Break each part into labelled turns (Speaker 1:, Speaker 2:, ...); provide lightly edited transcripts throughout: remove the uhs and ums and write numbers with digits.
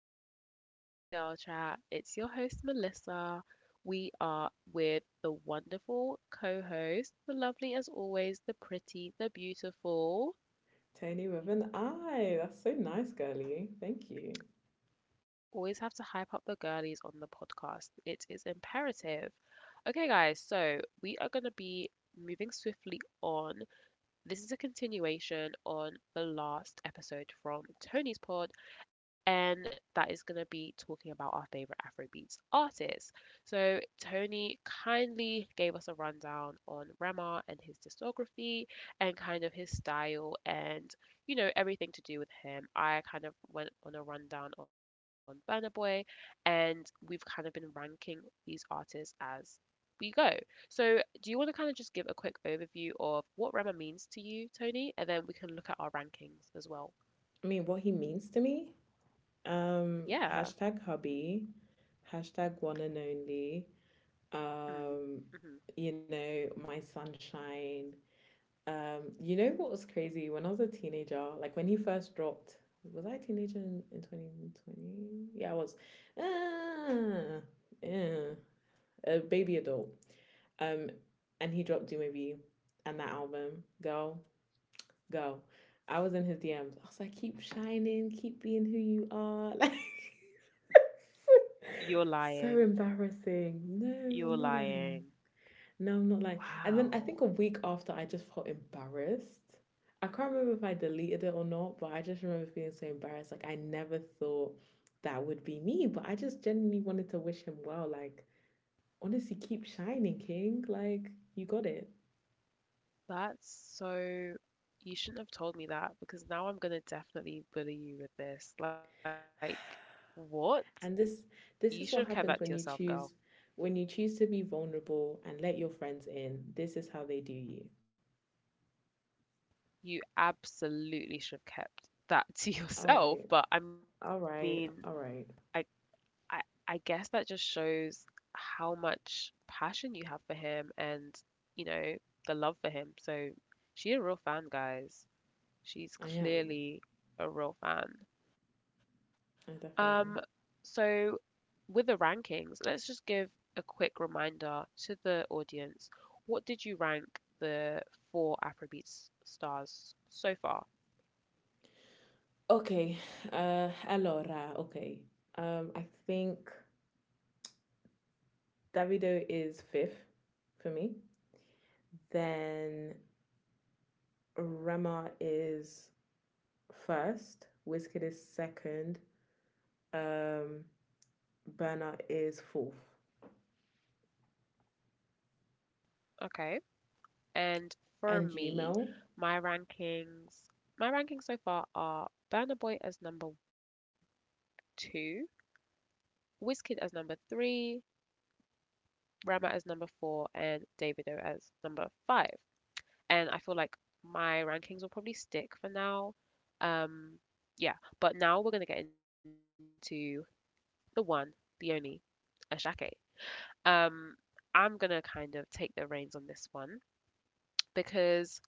Speaker 1: Welcome back to Girl Chat. It's your host, Melissa. We are with the wonderful co host, the lovely as always, the pretty, the beautiful.
Speaker 2: Tony with an I. That's so nice, girly. Thank you.
Speaker 1: Always have to hype up the girlies on the podcast, it is imperative. Okay, guys, so we are going to be moving swiftly on. This is a continuation on the last episode from Tony's pod, and that is going to be talking about our favorite Afrobeats artists. So, Tony kindly gave us a rundown on Rema and his discography and kind of his style and, everything to do with him. I kind of went on a rundown on Burna Boy, and we've kind of been ranking these artists as we go. So, do you want to kind of just give a quick overview of what Rama means to you, Tony? And then we can look at our rankings as
Speaker 2: I
Speaker 1: well.
Speaker 2: mean, what he means to me. Hashtag
Speaker 1: Yeah.
Speaker 2: hubby, hashtag one and only. Um,
Speaker 1: Mm. Hmm.
Speaker 2: my sunshine. You know what was crazy? When I was a teenager, like when he first dropped, was I a teenager in 2020? Yeah, I was. Ah, yeah, a baby adult. Um, and he dropped Do Maybe, and that album, girl go. I was in his DMs. I was like, keep shining, keep being who you are. Like,
Speaker 1: You're
Speaker 2: so
Speaker 1: lying.
Speaker 2: embarrassing. No, I'm not
Speaker 1: You're
Speaker 2: lying.
Speaker 1: lying.
Speaker 2: No, I'm not lying. And then I think a week
Speaker 1: Wow.
Speaker 2: after, I just felt embarrassed. I can't remember if I deleted it or not, but I just remember feeling so embarrassed. Like, I never thought that would be me, but I just genuinely wanted to wish him well. Like, honestly, keep shining, King. Like, you got it.
Speaker 1: That's so. You shouldn't have told me that because now I'm gonna definitely bully you with this. Like, what?
Speaker 2: And this is
Speaker 1: You
Speaker 2: what
Speaker 1: should have
Speaker 2: happens
Speaker 1: kept that to yourself, girl.
Speaker 2: when you choose to be vulnerable and let your friends in. This is how they do you.
Speaker 1: You absolutely should have kept
Speaker 2: All
Speaker 1: that
Speaker 2: right.
Speaker 1: to yourself.
Speaker 2: All
Speaker 1: But I
Speaker 2: right. All
Speaker 1: mean,
Speaker 2: right.
Speaker 1: I I I guess that just shows how much passion you have for him and, you know, the love for him. So she's a real fan, guys.
Speaker 2: I am.
Speaker 1: She's clearly a real fan.
Speaker 2: I definitely
Speaker 1: Um,
Speaker 2: am.
Speaker 1: so with the rankings, let's just give a quick reminder to the audience. What did you rank the four Afrobeats stars so far?
Speaker 2: Okay. Allora, okay. I think Davido is fifth for me. Then Rema is first, Wizkid is second, um Bernard is fourth.
Speaker 1: Okay. And for
Speaker 2: And you,
Speaker 1: me,
Speaker 2: Mel?
Speaker 1: my rankings, my rankings so far are Burna Boy as number two, Wizkid as number three, Rema as number four, and Davido as number five. And I feel like my rankings will probably stick for now. Um, yeah, but now we're gonna get into the one, the only, Ashake. Um, I'm gonna kind of take the reins on this one because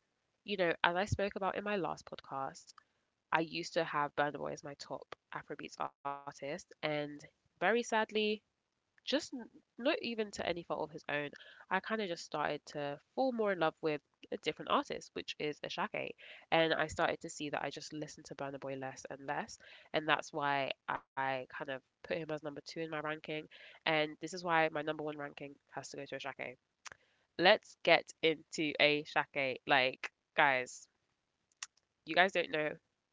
Speaker 1: you know, as I spoke about in my last podcast, I used to have Burna Boy as my top Afrobeats artist, and very sadly, just n- not even to any fault of his own, I kind of just started to fall more in love with a different artist, which is Ashake. And I started to see that I just listened to Burna Boy less and less, and that's why I kind of put him as number two in my ranking. And this is why my number one ranking has to go to Ashake. Let's get into Ashake, like, guys. You guys don't know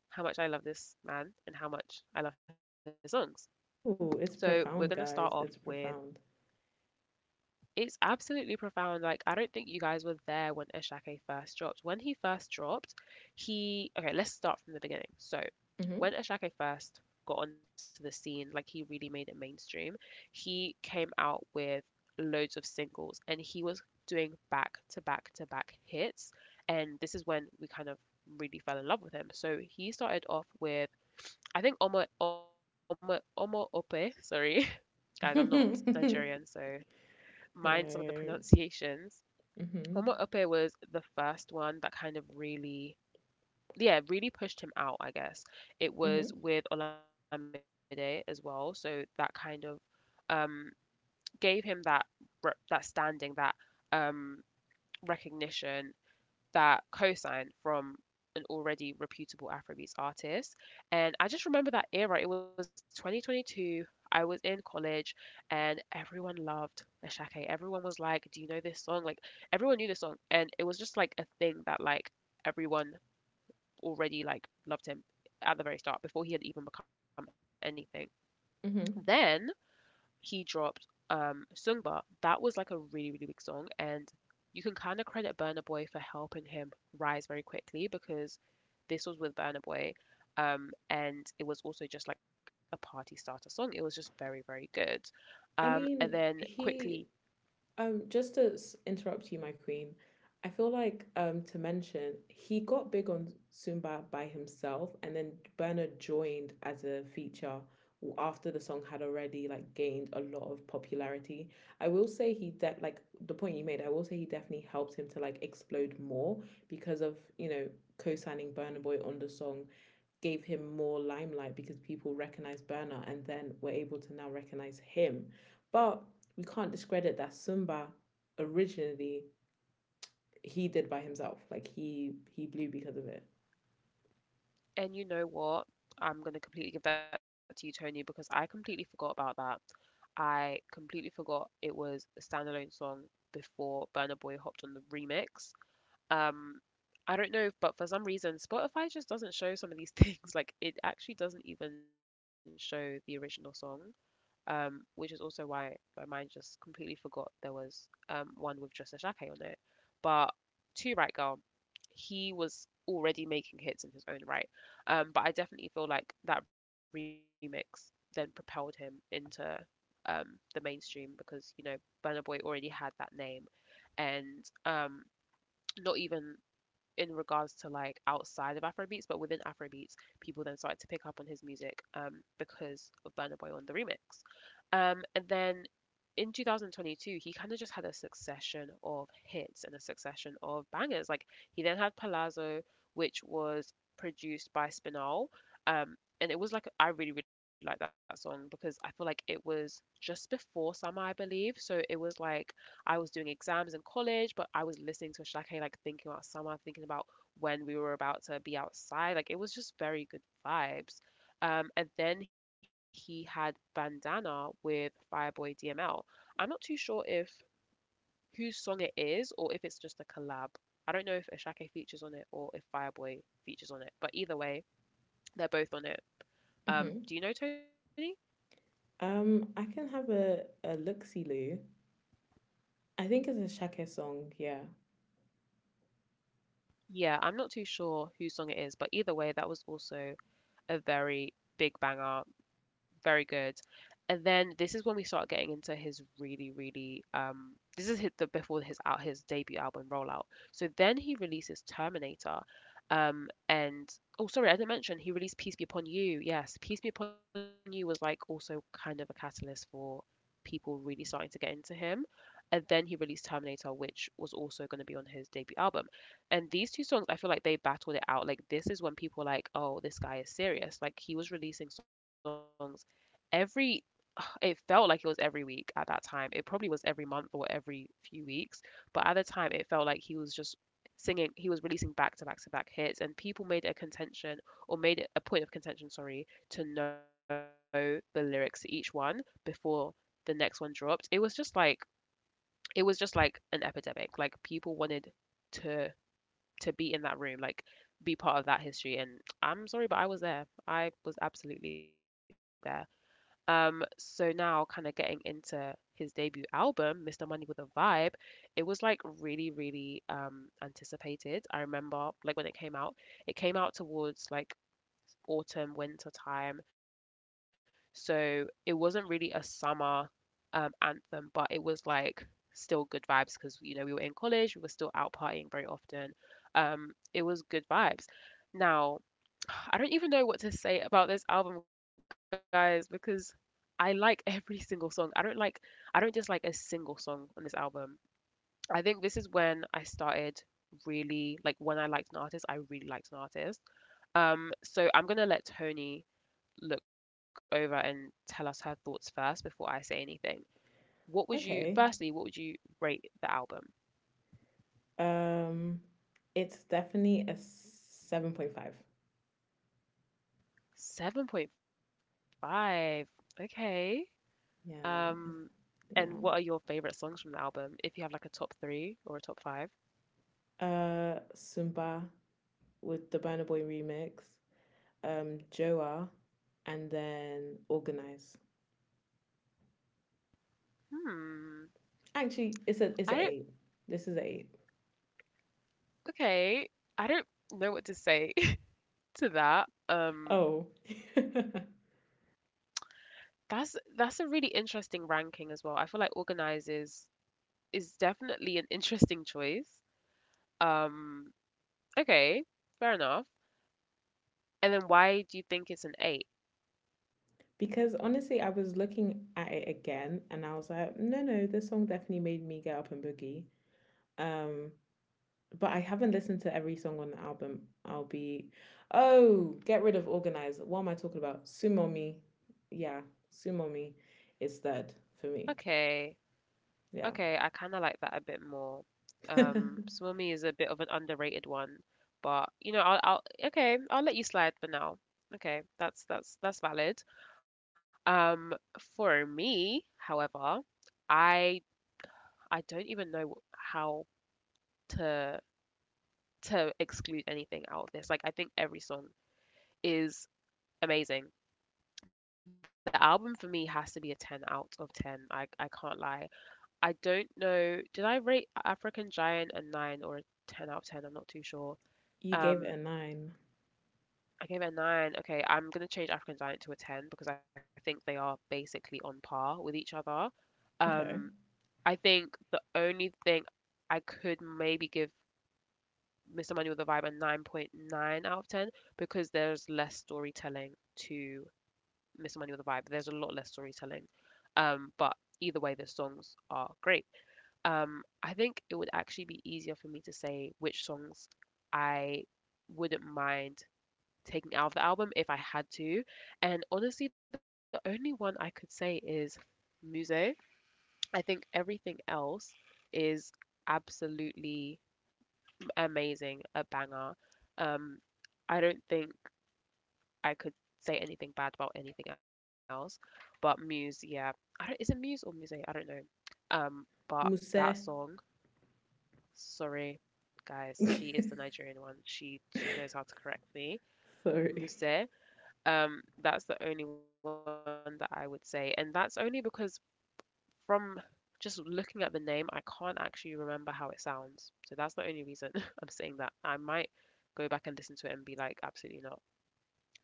Speaker 1: how much I love this man and how much I love his songs.
Speaker 2: Oh, it's
Speaker 1: So we're
Speaker 2: profound,
Speaker 1: gonna start
Speaker 2: guys.
Speaker 1: off
Speaker 2: It's
Speaker 1: with
Speaker 2: profound.
Speaker 1: it's absolutely profound. Like I don't think you guys were there when Eshake first dropped. When he first dropped, he okay, let's start from the beginning. So
Speaker 2: Mm-hmm.
Speaker 1: when Eshake first got onto the scene, like he really made it mainstream, he came out with loads of singles and he was doing back to back to back hits. And this is when we kind of really fell in love with him. So he started off with I think Omo Omo Omo Ope. Sorry, guys, I'm not Nigerian, so mind some of the
Speaker 2: Right.
Speaker 1: pronunciations. Omo
Speaker 2: Mm-hmm.
Speaker 1: Ope was the first one that kind of really, yeah, really pushed him out. I guess it
Speaker 2: Mm-hmm.
Speaker 1: was with Olamide as well, so that kind of um gave him that that standing, that um recognition, that co-signed from an already reputable Afrobeats artist. And I just remember that era. It was 2022. I was in college and everyone loved Ashake. Everyone was like, "Do you know this song?" Like, everyone knew this song. And it was just like a thing that, like, everyone already, like, loved him at the very start before he had even become anything.
Speaker 2: Mm-hmm.
Speaker 1: Then he dropped Sungba, that was like a really, really big song. And you can kind of credit Burna Boy for helping him rise very quickly because this was with Burna Boy. And it was also just like a party starter song. It was just very, very good.
Speaker 2: I
Speaker 1: And
Speaker 2: mean,
Speaker 1: then
Speaker 2: he
Speaker 1: quickly,
Speaker 2: Just to interrupt you, my queen, I feel like to mention he got big on Zumba by himself, and then Bernard joined as a feature after the song had already like gained a lot of popularity. I will say he like the point you made. I will say he definitely helped him to like explode more because of you know co-signing Burna Boy on the song gave him more limelight because people recognized Burner and then were able to now recognize him. But we can't discredit that Sumba originally he did by himself. Like he blew because of it.
Speaker 1: and you know what? I'm gonna completely give that to you, Tony, because I completely forgot about that. I completely forgot it was a standalone song before Burna Boy hopped on the remix. Um, I don't know, but for some reason, Spotify just doesn't show some of these things. Like it actually doesn't even show the original song, which is also why my mind just completely forgot there was one with just a on it. But to Right Girl, he was already making hits in his own right. But I definitely feel like that remix then propelled him into um the mainstream because you know Burna Boy already had that name, and not even in regards to like outside of Afrobeats, but within Afrobeats, people then started to pick up on his music because of Burna Boy on the remix. And then in 2022, he kind of just had a succession of hits and a succession of bangers. Like he then had Palazzo, which was produced by Spinal. Um, and it was like I really like that song because I feel like it was just before summer, I believe. So it was like I was doing exams in college, but I was listening to Ashake, like thinking about summer, thinking about when we were about to be outside. Like it was just very good vibes. And then he had Bandana with Fireboy DML. I'm not too sure if whose song it is or if it's just a collab. I don't know if Ashake features on it or if Fireboy features on it, but either way, they're both on it.
Speaker 2: Mm-hmm.
Speaker 1: Do you know, Tony?
Speaker 2: I can have a look see, Lou. I think it's a Shake song. Yeah.
Speaker 1: Yeah, I'm not too sure whose song it is, but either way, that was also a very big banger, very good. And then this is when we start getting into his really, really this is the before his out his debut album rollout. So then he releases Terminator, and oh sorry I didn't mention he released Peace Be Upon You. Yes, Peace Be Upon You was like also kind of a catalyst for people really starting to get into him. And then he released Terminator, which was also going to be on his debut album. And these two songs, I feel like they battled it out. Like this is when people were like, "Oh, this guy is serious." Like he was releasing songs every. It felt like it was every week at that time. It probably was every month or every few weeks, but at the time, it felt like he was just singing. He was releasing back to back to back hits, and people made a contention or made it a point of contention, sorry, to know the lyrics to each one before the next one dropped. It was just like an epidemic. Like people wanted to to be in that room, like be part of that history. And I'm sorry, but I was there. I was absolutely there. So now kind of getting into his debut album, Mr. Money with a Vibe, it was like really anticipated. I remember like when it came out towards like autumn, winter time. So it wasn't really a summer anthem, but it was like still good vibes because you know we were in college, we were still out partying very often. It was good vibes. Now, I don't even know what to say about this album, guys, because I like every single song. I don't just like a single song on this album. I think this is when I started really when I liked an artist, I really liked an artist. So I'm gonna let Tony look over and tell us her thoughts first before I say anything. What would you,
Speaker 2: Okay.
Speaker 1: firstly, what would you rate the album?
Speaker 2: Um, it's definitely a 7.5.
Speaker 1: 7.5. Okay.
Speaker 2: Yeah.
Speaker 1: Um,
Speaker 2: Yeah.
Speaker 1: and what are your favorite songs from the album? If you have like a top three or a top five?
Speaker 2: Sumba with the Burner Boy remix. Joa, and then Organize.
Speaker 1: Hmm.
Speaker 2: Actually, it's
Speaker 1: I
Speaker 2: a
Speaker 1: don't,
Speaker 2: it's a eight. This is a eight.
Speaker 1: okay. I don't know what to say to that.
Speaker 2: Oh.
Speaker 1: That's a really interesting ranking as well. I feel like Organize is definitely an interesting choice. Um, okay, fair enough. And then why do you think it's an eight?
Speaker 2: Because honestly, I was looking at it again and I was like, no, no, this song definitely made me get up and boogie. Um, but I haven't listened to every song on the album. I'll be, oh, get rid of Organize. What am I talking about? Sumo Me. Yeah, Sumo Me is third for me.
Speaker 1: Okay.
Speaker 2: Yeah.
Speaker 1: Okay, I kind of like that a bit more.
Speaker 2: you
Speaker 1: Swimmy is a bit of an underrated one, but you know, I'll okay, I'll let you slide for now. Okay, that's valid. Um, for me, however, I I don't even know how to to exclude anything out of this. Like, I think every song is amazing. The album for me has to be a 10 out of 10. I can't lie. I don't know. Did I rate African Giant a nine or a ten out of ten? I'm not too sure.
Speaker 2: gave it a
Speaker 1: Um,
Speaker 2: nine.
Speaker 1: I gave it a nine. Okay, I'm gonna change African Giant to a ten because I think they are basically on par with each other. Um,
Speaker 2: Okay.
Speaker 1: I think the only thing I could maybe give Mr. Money with a Vibe a 9.9 out of ten because there's less storytelling to Mr. Money with a Vibe. There's a lot less storytelling. But either way, the songs are great. I think it would actually be easier for me to say which songs I wouldn't mind taking out of the album if I had to. And honestly, the only one I could say is Musée. I think everything else is absolutely amazing, a banger. Um, I don't think I could say anything bad about anything else, but Muse, yeah. I don't, is it Muse or Musée? I don't know. But
Speaker 2: Musé.
Speaker 1: that song. Sorry, guys. She is the Nigerian one. She knows how to correct me.
Speaker 2: Sorry.
Speaker 1: Muse. That's the only one that I would say, and that's only because from just looking at the name, I can't actually remember how it sounds. So that's the only reason I'm saying that. I might go back and listen to it and be like, absolutely not.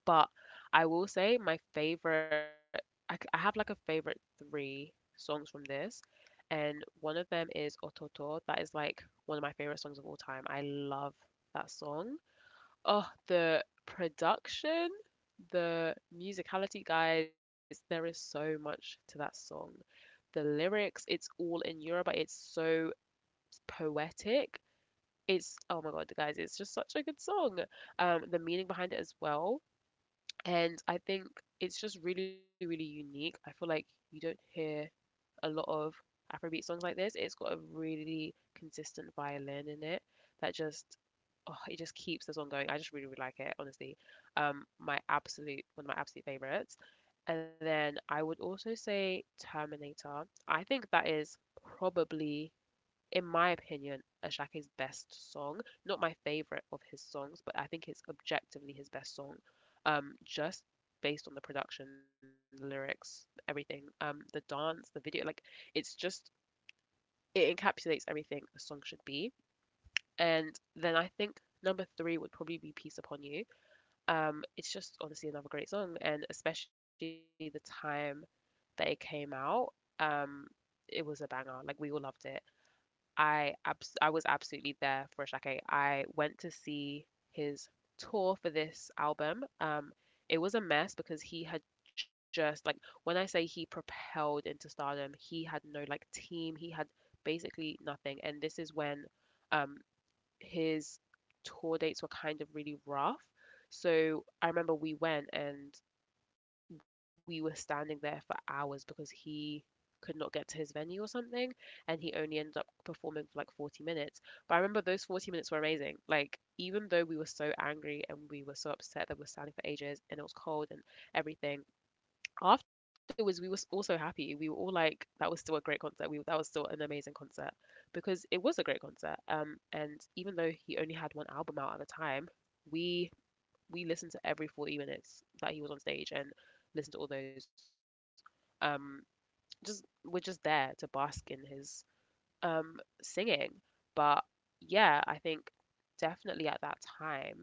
Speaker 1: But I will say my favorite, I have like a favorite three songs from this, and one of them is Ototo. That is like one of my favorite songs of all time. I love that song. Oh, the production, the musicality, guys, there is so much to that song. The lyrics, it's all in Yoruba, it's so poetic. It's, oh my God, guys, it's just such a good song. The meaning behind it as well. And I think it's just really, really unique. I feel like you don't hear a lot of Afrobeat songs like this. It's got a really consistent violin in it that just, oh, it just keeps the song going. I just really, really like it, honestly. My absolute, one of my absolute favorites. And then I would also say Terminator. I think that is probably, in my opinion, Ashake's best song. Not my favorite of his songs, but I think it's objectively his best song. Just based on the production, the lyrics, everything. The dance, the video, like it's just, it encapsulates everything a song should be. And then I think number three would probably be Peace Upon You. It's just honestly another great song, and especially the time that it came out. Um, it was a banger. Like we all loved it. I was absolutely there for Shake. I went to see his tour for this album. It was a mess because he had just like, when I say he propelled into stardom, he had no like team. He had basically nothing, and this is when um his tour dates were kind of really rough. So I remember we went and we were standing there for hours because he could not get to his venue or something, and he only ended up performing for like 40 minutes. But I remember those 40 minutes were amazing. Like, even though we were so angry and we were so upset that we were standing for ages and it was cold and everything, afterwards also happy. We were all like, that was still a great concert we That was still an amazing concert because it was a great concert. And even though he only had one album out at the time, we we listened to every 40 minutes that he was on stage and listened to all those. Um, just, we're just there to bask in his um singing. But yeah, I think definitely at that time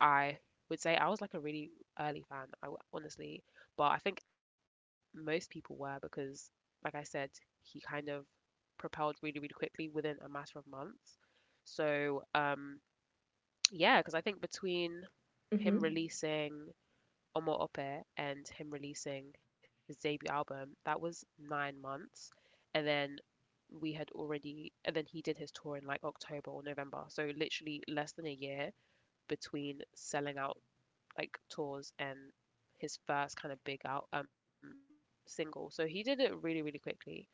Speaker 1: I would say I was like a really early fan. Honestly, but I think most people were because, like I said, he kind of propelled really really quickly within a matter of months. So yeah, because I think between him
Speaker 2: Hmm.
Speaker 1: releasing Omar Ope and him releasing his debut album, that was 9 months. And then we had already, and then he did his tour in like October or November. So literally less than a year between selling out like tours and his first kind of big out single. So he did it really, really quickly,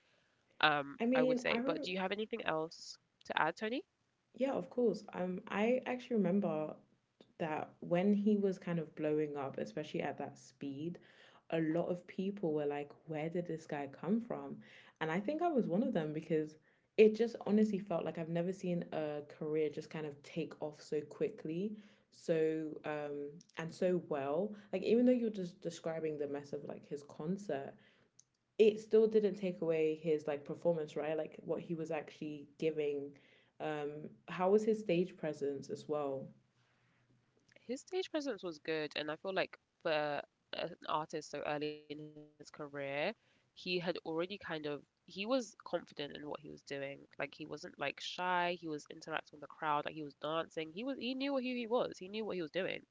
Speaker 2: I
Speaker 1: I
Speaker 2: mean,
Speaker 1: would
Speaker 2: I
Speaker 1: say.
Speaker 2: re-
Speaker 1: But do you have anything else to add, Tony?
Speaker 2: Yeah, of course. I actually remember that when he was kind of blowing up, especially at that speed, a lot of people were like, where did this guy come from? And I think I was one of them because it just honestly felt like I've never seen a career just kind of take off so quickly, so and so well. Like, even though you're just describing the mess of like his concert, it still didn't take away his like performance, right? Like what he was actually giving. How was his stage presence as well?
Speaker 1: His stage presence was good, and I feel like for an artist so early in his career, he had already kind of, he was confident in what he was doing. Like, he wasn't like shy. He was interacting with the crowd. Like, he was dancing. He was he knew who he was. He knew what he was doing.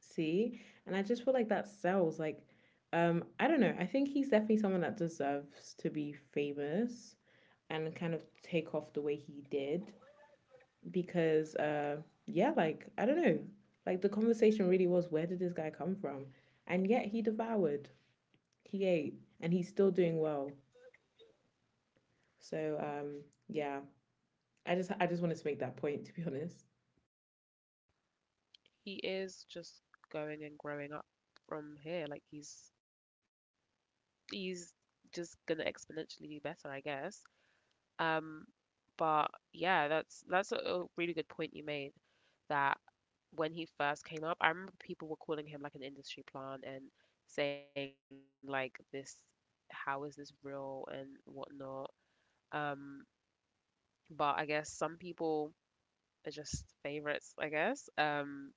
Speaker 2: See, and I just feel like that sells. Like, I don't know. I think he's definitely someone that deserves to be famous and kind of take off the way he did because, yeah, like I don't know. Like the conversation really was, where did this guy come from? And yet he devoured, he ate, and he's still doing well. So yeah, I just wanted to make that point to be honest.
Speaker 1: He is just going and growing up from here. Like, he's just gonna exponentially do better, I guess. Um, but yeah, that's a really good point you made, that when he first came up, I remember people were calling him like an industry plant and saying like this, how is this real and whatnot. Um, but I guess some people are just favorites, I guess.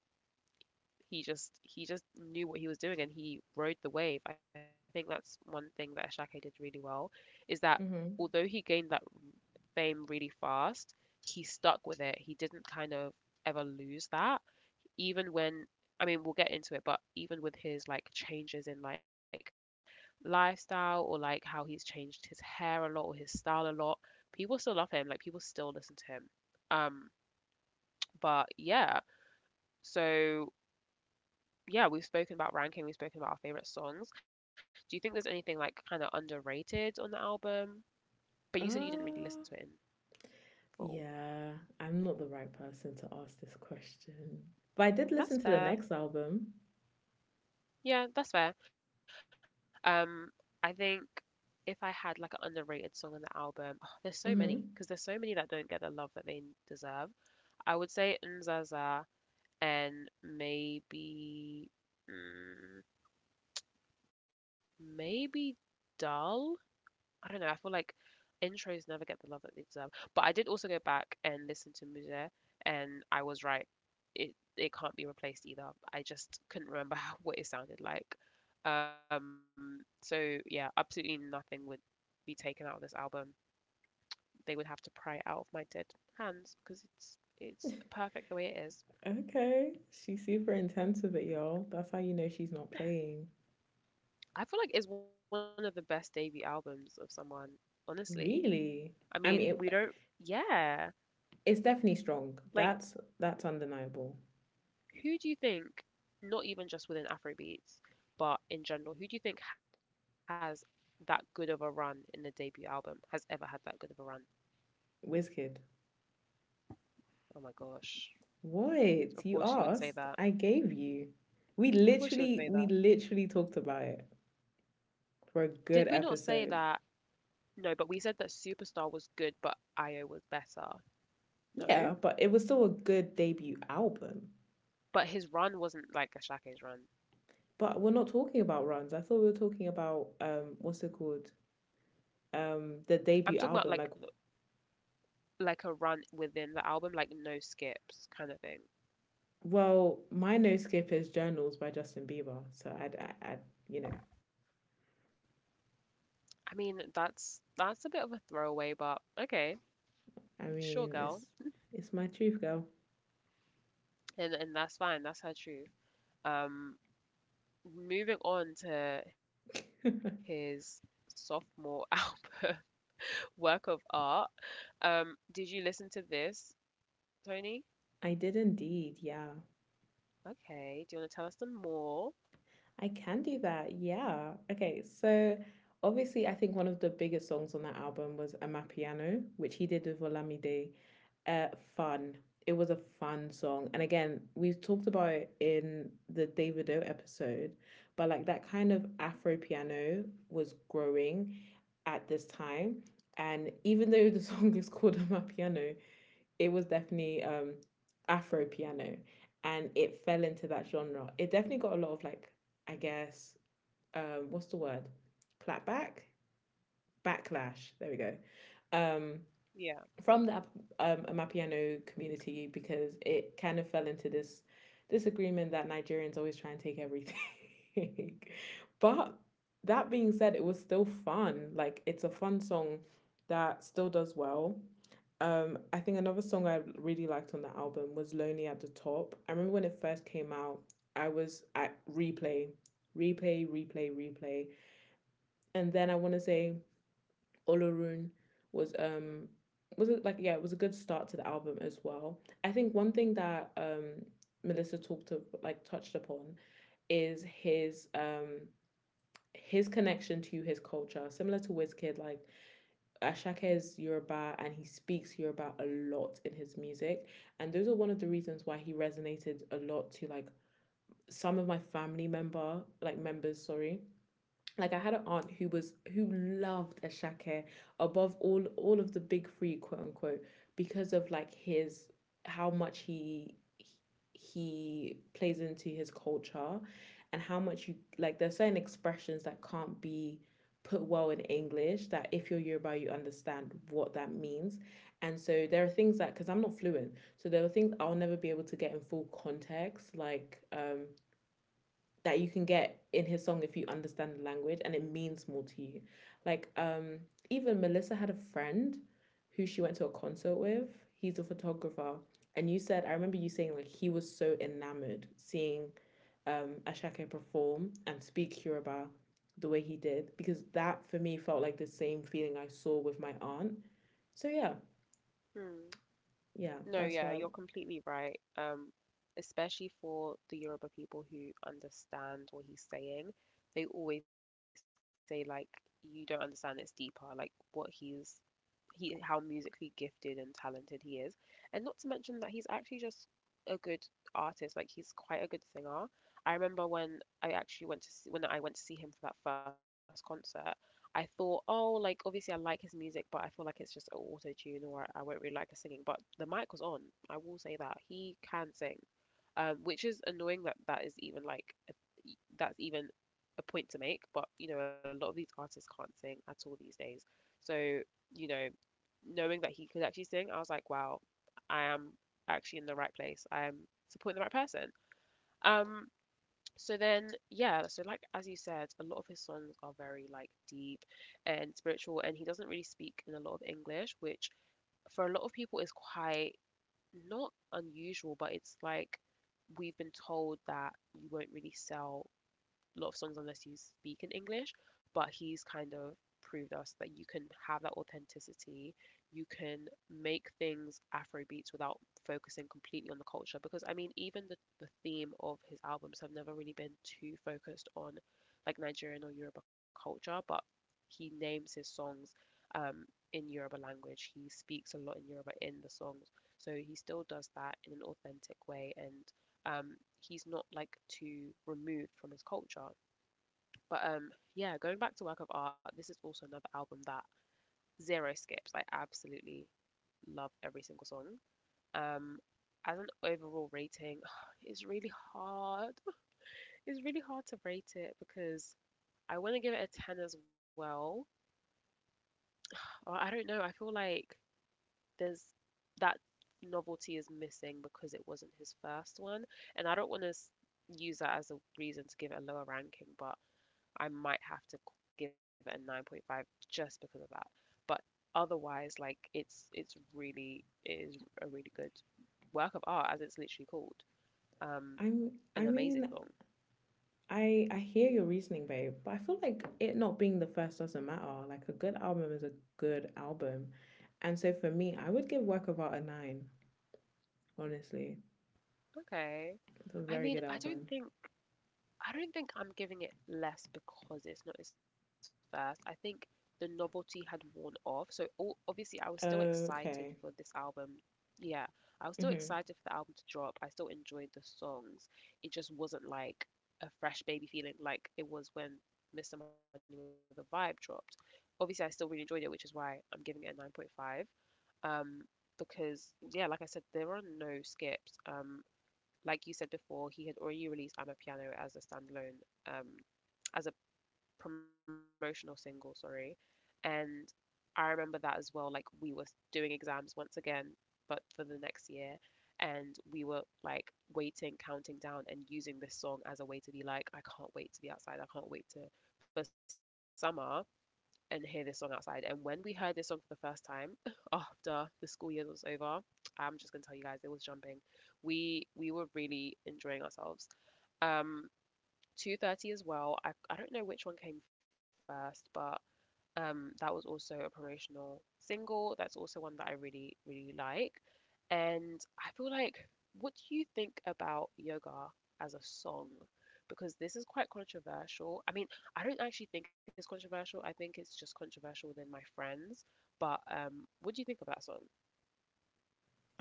Speaker 1: He just knew what he was doing and he rode the wave. I think that's one thing that Shaq did really well, is that
Speaker 2: Mm-hmm.
Speaker 1: although he gained that fame really fast, he stuck with it. He didn't kind of ever lose that, even when, I mean we'll get into it, but even with his like changes in like lifestyle or like how he's changed his hair a lot or his style a lot, people still love him. Like, people still listen to him. Um, but yeah, so yeah, we've spoken about ranking, we've spoken about our favorite songs. Do you think there's anything like kind of underrated on the album? But you said you didn't really listen to
Speaker 2: Uh,
Speaker 1: it in full.
Speaker 2: yeah, I'm not the right person to ask this question. But I did listen to the
Speaker 1: That's
Speaker 2: next
Speaker 1: fair.
Speaker 2: album.
Speaker 1: Yeah, that's fair. Um, I think if I had like an underrated song on the album, oh, there's so
Speaker 2: Mm-hmm.
Speaker 1: many because there's so many that don't get the love that they deserve. I would say Nzaza and maybe, mm, maybe Dull. I don't know. I feel like intros never get the love that they deserve. But I did also go back and listen to Muse, and I was right, it it can't be replaced either. I just couldn't remember how, what it sounded like. So yeah, absolutely nothing would be taken out of this album. They would have to pry it out of my dead hands because it's perfect the way it is.
Speaker 2: Okay, she's super intense with it, y'all. That's how you know she's not playing.
Speaker 1: I feel like it's one of the best debut albums of someone, honestly.
Speaker 2: Really?
Speaker 1: I
Speaker 2: I
Speaker 1: mean,
Speaker 2: mean,
Speaker 1: we
Speaker 2: it,
Speaker 1: don't, yeah.
Speaker 2: it's definitely strong.
Speaker 1: Like,
Speaker 2: That's undeniable.
Speaker 1: who do you think, not even just within Afrobeats, but in general, who do you think has that good of a run in a debut album, has ever had that good of a run?
Speaker 2: Wizkid,
Speaker 1: Oh my gosh.
Speaker 2: what you
Speaker 1: Of
Speaker 2: asked?
Speaker 1: course you
Speaker 2: I
Speaker 1: would say
Speaker 2: gave
Speaker 1: that.
Speaker 2: you. We literally we
Speaker 1: Of course you would
Speaker 2: literally
Speaker 1: say
Speaker 2: talked
Speaker 1: that.
Speaker 2: about it for a
Speaker 1: Did
Speaker 2: good
Speaker 1: we not say
Speaker 2: episode.
Speaker 1: that? No, but we said that Superstar was good, but Io was better.
Speaker 2: Yeah, but
Speaker 1: No?
Speaker 2: it was still a good debut album.
Speaker 1: But his run wasn't like Ashake's run.
Speaker 2: But we're not talking about runs. I thought we were talking about what's it called? The debut
Speaker 1: I'm
Speaker 2: album.
Speaker 1: talking
Speaker 2: Like
Speaker 1: about like a run within the album, like no skips kind of thing.
Speaker 2: well, my no skip is Journals by Justin Bieber. So I you know,
Speaker 1: I mean, that's a bit of a throwaway, but okay,
Speaker 2: I mean,
Speaker 1: sure girl.
Speaker 2: it's my truth, girl.
Speaker 1: And that's fine, that's her truth. Um Moving on to his sophomore album. Work of art. Did you listen to this, Tony?
Speaker 2: I did indeed. Yeah.
Speaker 1: Okay. Do you want to tell us some more?
Speaker 2: I can do that. Yeah. Okay. So obviously I think one of the biggest songs on that album was Amapiano, which he did with Olamide uh, fun. It was a fun song. And again, we've talked about it in the Davido episode, but like that kind of Afro piano was growing at this time. And even though the song is called My Piano, it was definitely Afro piano, and it fell into that genre. It definitely got a lot of like, I guess, what's the word? Clapback? Backlash. There we go. Um,
Speaker 1: Yeah.
Speaker 2: from the Amapiano community because it kind of fell into this disagreement that Nigerians always try and take everything. But that being said, it was still fun. Like it's a fun song that still does well. I think another song I really liked on the album was Lonely at the Top. I remember when it first came out, I was at replay, replay, replay, replay. And then I want to say Olorun was um was it like yeah it was a good start to the album as well. I think one thing that Melissa talked to like touched upon is his connection to his culture, similar to Wizkid, like Ashake is Yoruba and he speaks Yoruba a lot in his music. And those are one of the reasons why he resonated a lot to like some of my family member, like members, sorry, like I had an aunt who was who loved
Speaker 1: Hmm.
Speaker 2: Ashake above all of the big three quote unquote because of like his how much he plays into his culture and how much you like there's certain expressions that can't be put well in English that if you're Yoruba you understand what that means, and so there are things that because I'm not fluent so there are things I'll never be able to get in full context like that you can get in his song if you understand the language and it means more to you. Like even Melissa had a friend who she went to a concert with. He's a photographer. And you said I remember you saying like he was so enamored seeing Ashake perform and speak Yoruba the way he did because that for me felt like the same feeling I saw with my aunt. So yeah,
Speaker 1: Hmm.
Speaker 2: yeah, that's why
Speaker 1: No, yeah, you're completely right. Especially for the Yoruba people who understand what he's saying, they always say like, "You don't understand. It's deeper. Like what he's, he, how musically gifted and talented he is, and not to mention that he's actually just a good artist. Like, he's quite a good singer. I remember when I actually went to see, when I went to see him for that first concert. I thought, oh, like obviously I like his music, but I feel like it's just auto tune or I won't really like his singing. But the mic was on. I will say that he can sing, which is annoying that that is even like a, e, that's even a point to make. But you know, a lot of these artists can't sing at all these days. So you know, knowing that he could actually sing, I was like, wow, I am actually in the right place. I'm supporting the right person. Um, so like as you said, a lot of his songs are very like deep and spiritual, and he doesn't really speak in a lot of English, which for a lot of people is quite not unusual, but it's like we've been told that you won't really sell lot of songs unless you speak in English, but he's kind of proved us that you can have that authenticity, you can make things Afro beats without focusing completely on the culture. Because I mean, even the theme of his albums have never really been too focused on like Nigerian or Yoruba culture, but he names his songs um, in Yoruba language. He speaks a lot in Yoruba in the songs. So he still does that in an authentic way and um, he's not like too removed from his culture. But Yeah, going back to Work of Art, this is also another album that zero skips. I absolutely love every single song. Um, as an overall rating, it's really hard. It's really hard to rate it because I want to give it a 10 as well. Or I don't know. I feel like there's that novelty is missing because it wasn't his first one. And I don't want to use that as a reason to give it a lower ranking, but I might have to give it a 9.5 just because of that. But otherwise, like it's really it is a really good work of art as it's literally called. Um,
Speaker 2: I'm I
Speaker 1: an
Speaker 2: mean
Speaker 1: amazing song.
Speaker 2: I hear your reasoning, babe, but I feel like it not being the first doesn't matter. Like a good album is a good album. And so for me, I would give Work of Art a nine, honestly.
Speaker 1: Okay.
Speaker 2: It's a
Speaker 1: I
Speaker 2: very good
Speaker 1: mean,
Speaker 2: album.
Speaker 1: I don't think I'm giving it less because it's not as fast. I think the novelty had worn off. So all, obviously I was still excited
Speaker 2: Okay.
Speaker 1: for this album. Yeah, I was still
Speaker 2: Mm-hmm.
Speaker 1: excited for the album to drop. I still enjoyed the songs. It just wasn't like a fresh baby feeling like it was when Mr. Money with a Vibe dropped. Obviously I still really enjoyed it, which is why I'm giving it a 9.5. Um because yeah, like I said, there are no skips. Like you said before, he had already released I'm a Piano as a standalone, um, as a promotional single, sorry. And I remember that as well. Like we were doing exams once again, but for the next year. And we were like waiting, counting down, and using this song as a way to be like, I can't wait to be outside. I can't wait to For summer and hear this song outside. And when we heard this song for the first time after the school year was over, I'm just gonna tell you guys it was jumping. We were really enjoying ourselves. Um, 2:30 as well. I don't know which one came first, but that was also a promotional single. That's also one that I really, really like. And what do you think about yoga as a song? Because this is quite controversial. I mean, I don't actually think it's controversial. I think it's just controversial within my friends. But What do you think of that song?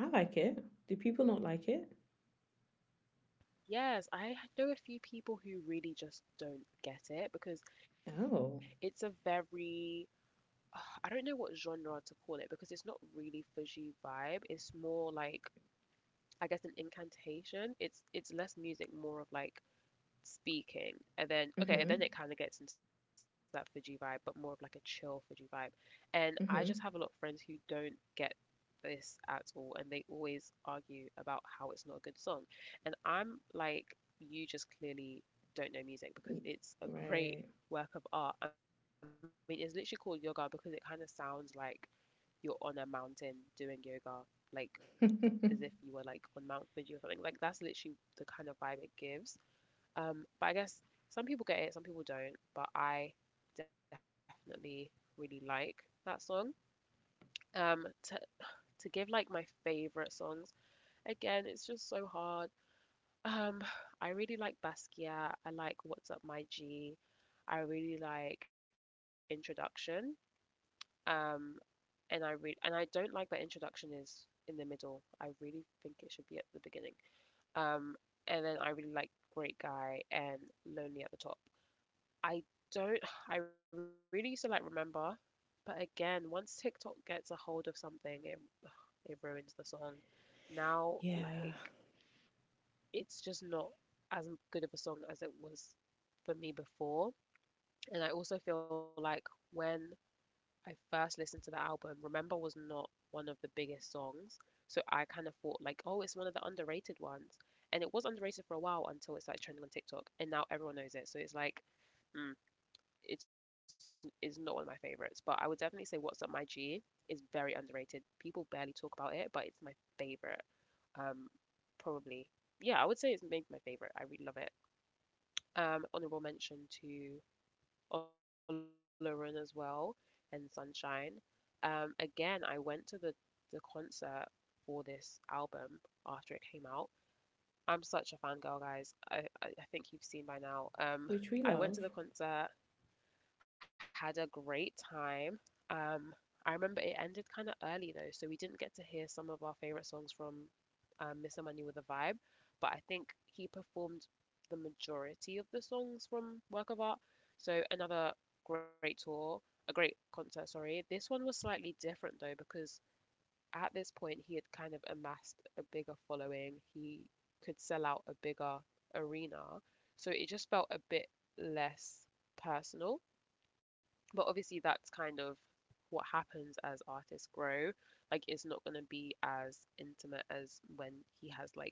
Speaker 2: I like it. Do people not like it?
Speaker 1: Yes, I know a few people who really just don't get it because
Speaker 2: Oh.
Speaker 1: it's a very I don't know what genre to call it because it's not really Fuji vibe. It's more like I guess an incantation. It's less music, more of like speaking. And
Speaker 2: Mm-hmm.
Speaker 1: then okay, then it kind of gets into that Fuji vibe, but more of like a chill Fuji vibe. And I
Speaker 2: Mm-hmm.
Speaker 1: just have a lot of friends who don't get this at all, and they always argue about how it's not a good song. And I'm like, you just clearly don't
Speaker 2: Y-
Speaker 1: know music because
Speaker 2: Right.
Speaker 1: it's a great work of art. I mean, it's literally called yoga because it kind of sounds like you're on a mountain doing yoga, like as if you were like on Mount Fuji or something. Like that's literally the kind of vibe it gives. But I guess some people get it, some people don't. But I definitely really like that song. To to give like my favorite songs, again, it's just so hard. Um, I really like Basquiat. I like What's Up My G. I really like Introduction. Um, and I re and I don't like that Introduction is in the middle. I really think it should be at the beginning. Um, and then I really like Great Guy and Lonely at the Top. I don't. I really used to like Remember, but again, once TikTok gets a hold of something, it ruins the song. Now,
Speaker 2: Yeah.
Speaker 1: like it's just not as good of a song as it was for me before. And I also feel like when I first listened to the album, Remember was not one of the biggest songs. So I kind of thought like, oh, it's one of the underrated ones. And it was underrated for a while until it started trending on TikTok, and now everyone knows it. So it's like, mm, it's not one of my favorites, but I would definitely say What's Up My G is very underrated. People barely talk about it, but it's my favorite. Um, probably Yeah, I would say it's maybe my favorite. I really love it. Honorable mention to Olorin as well and Sunshine. Again, I went to the concert for this album after it came out. I'm such a fangirl, guys. I think you've seen by now.
Speaker 2: Which we love.
Speaker 1: I went to the concert. Had a great time. Um, I remember it ended kind of early though, so we didn't get to hear some of our favorite songs from Mr. Money with a Vibe, but I think he performed the majority of the songs from Work of Art. So another great tour, a great concert, sorry. This one was slightly different though, because at this point he had kind of amassed a bigger following. He could sell out a bigger arena. So it just felt a bit less personal, but obviously that's kind of what happens as artists grow. Like it's not going to be as intimate as when he has like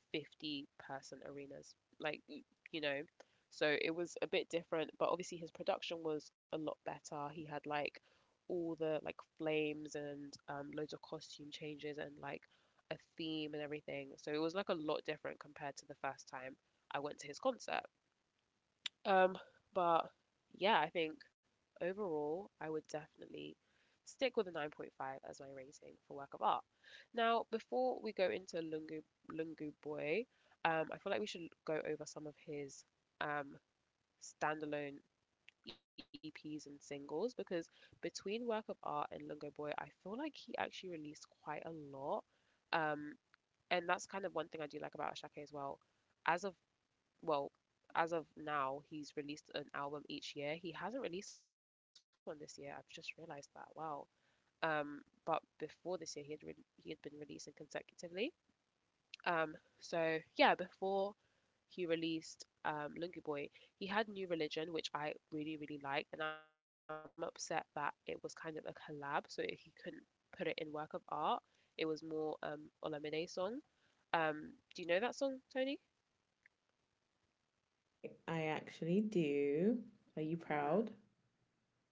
Speaker 1: 50-person arenas, you know so it was a bit different. But obviously his production was a lot better. He had like all the like flames and loads of costume changes and like a theme and everything, so it was like a lot different compared to the first time I went to his concert. Um, but yeah, I think overall, I would definitely stick with a 9.5 as my rating for Work of Art. Now, before we go into Lungu Boy, I feel like we should go over some of his um, standalone EPs and singles because between Work of Art and Lungu Boy, I feel like he actually released quite a lot. Um, and that's kind of one thing I do like about Ashake as well. As of well, as of now, he's released an album each year. He hasn't released one this year. I've just realized that. Wow. Um, but before this year, he had been releasing consecutively. Um, so yeah, before he released Lungu Boy, he had New Religion, which I really really liked, and I'm upset that it was kind of a collab, so he couldn't put it in Work of Art. It was more Olamide song. Do you know that song, Tony?
Speaker 2: I actually do. Are you proud?
Speaker 1: Mm-hmm.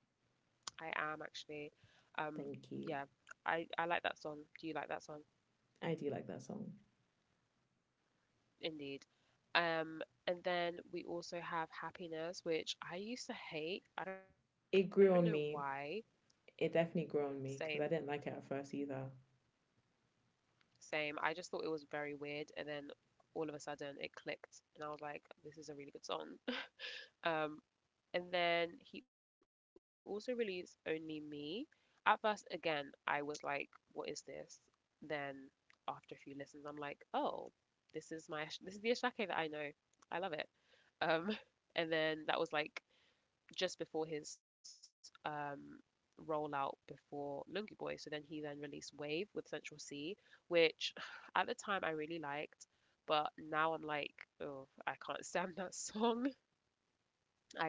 Speaker 1: I am actually. Um, yeah,
Speaker 2: Thank you.
Speaker 1: I like that song. Do you like that song?
Speaker 2: I do like that song.
Speaker 1: Indeed. Um, and then we also have Happiness, which I used to hate. I don't know
Speaker 2: It
Speaker 1: why.
Speaker 2: grew on me it definitely
Speaker 1: Same,
Speaker 2: grew on me because I didn't like it at first either.
Speaker 1: same. I just thought it was very weird, and then all of a sudden it clicked, and I was like, this is a really good song. Um, And then he also released Only Me. At first, again, I was like, what is this? Then after a few listens, I'm like, oh, this is the Ashake that I know. I love it. Um, and then that was like just before his rollout before Lungu Boy. So then he then released Wave with Central C, which at the time I really liked, but now I'm like, oh, I can't stand that song.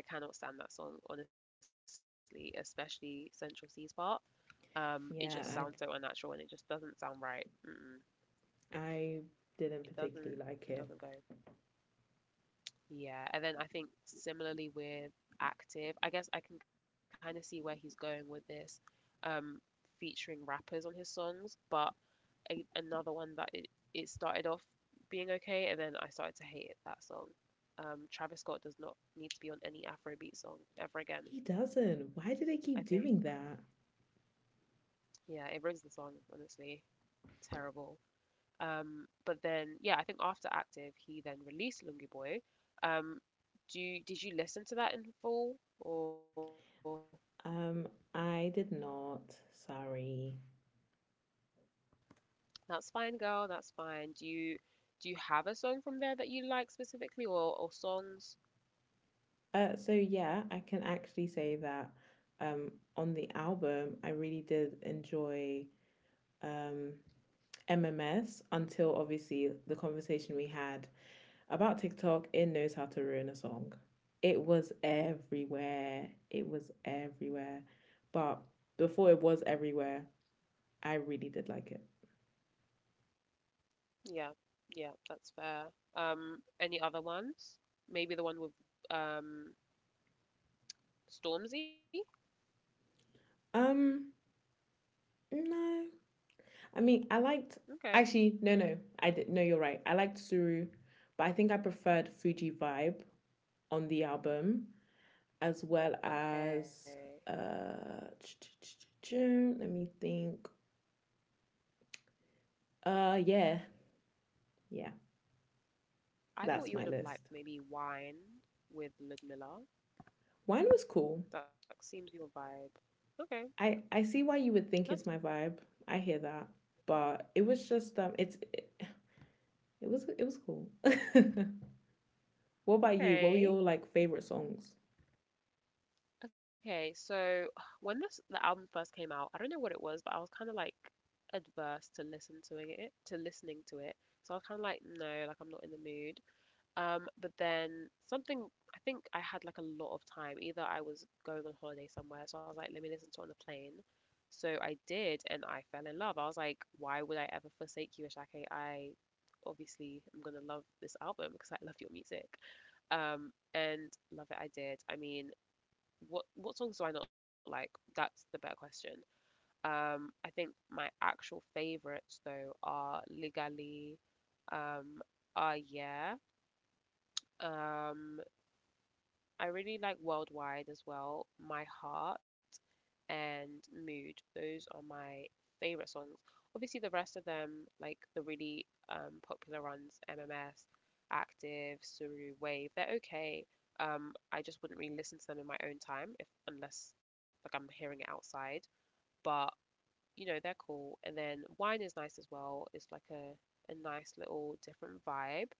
Speaker 1: I cannot stand that song, honestly, especially Central C's part. It just sounds so
Speaker 2: Yeah,
Speaker 1: unnatural and it just doesn't sound right. Mm-mm.
Speaker 2: I
Speaker 1: It
Speaker 2: didn't
Speaker 1: doesn't. It
Speaker 2: particularly
Speaker 1: doesn't go.
Speaker 2: like it.
Speaker 1: Yeah, and then I think similarly with Active, I guess I can kind of see where he's going with this, um, featuring rappers on his songs, but another one that it started off being okay and then I started to hate it, that song. Travis Scott does not need to be on any Afrobeat song ever again,
Speaker 2: He doesn't.
Speaker 1: I
Speaker 2: Why do they
Speaker 1: think.
Speaker 2: keep doing that?
Speaker 1: Yeah, it ruins the song, honestly. Terrible. But then yeah, I think after Active, he then released Lungi Boy. Um, did you listen to that in full? Or
Speaker 2: Um, I did not. Sorry.
Speaker 1: that's fine, girl, that's fine. Do you have a song from there that you like specifically, or songs?
Speaker 2: So yeah, I can actually say that on the album I really did enjoy um MMS until obviously the conversation we had about TikTok, it knows how to ruin a song. It was everywhere. It was everywhere. But before it was everywhere, I really did like it.
Speaker 1: Yeah, yeah, that's fair. Any other ones? Maybe the one with um Stormzy?
Speaker 2: Um, no. I mean, I liked
Speaker 1: Okay,
Speaker 2: Actually no. I did no, you're right. I liked Suru, but I think I preferred Fuji Vibe on the album as well
Speaker 1: okay.
Speaker 2: as uh let me think. Yeah. Yeah,
Speaker 1: I thought
Speaker 2: that's
Speaker 1: you
Speaker 2: my
Speaker 1: would have liked
Speaker 2: list.
Speaker 1: maybe Wine with Ludmilla.
Speaker 2: Wine was cool.
Speaker 1: That seems your vibe. Okay,
Speaker 2: I see why you would think it's
Speaker 1: that's
Speaker 2: my vibe. I hear that, but it was just it was cool. What about you? What were your
Speaker 1: okay.
Speaker 2: like favorite songs?
Speaker 1: Okay, so when this the album first came out, I don't know what it was, but I was kind of like adverse to listening to it. So I was kind of like, no, like I'm not in the mood. But then something, I think I had like a lot of time. Either I was going on holiday somewhere, so I was like, let me listen to it on the plane. So I did, and I fell in love. I was like, why would I ever forsake you, Ashake? I obviously am gonna love this album because I love your music. Um, and love it, I did. I mean, what songs do I not like? That's the better question. I think my actual favorites though are Legally, um, Ah Yeah, um, I really like Worldwide as well, My Heart, and Mood. Those are my favorite songs. Obviously, the rest of them, like the really popular ones, MMS, Active, Suru, Wave, they're okay. I just wouldn't really listen to them in my own time if unless like I'm hearing it outside. But you know, they're cool. And then Wine is nice as well. It's like a nice little different vibe,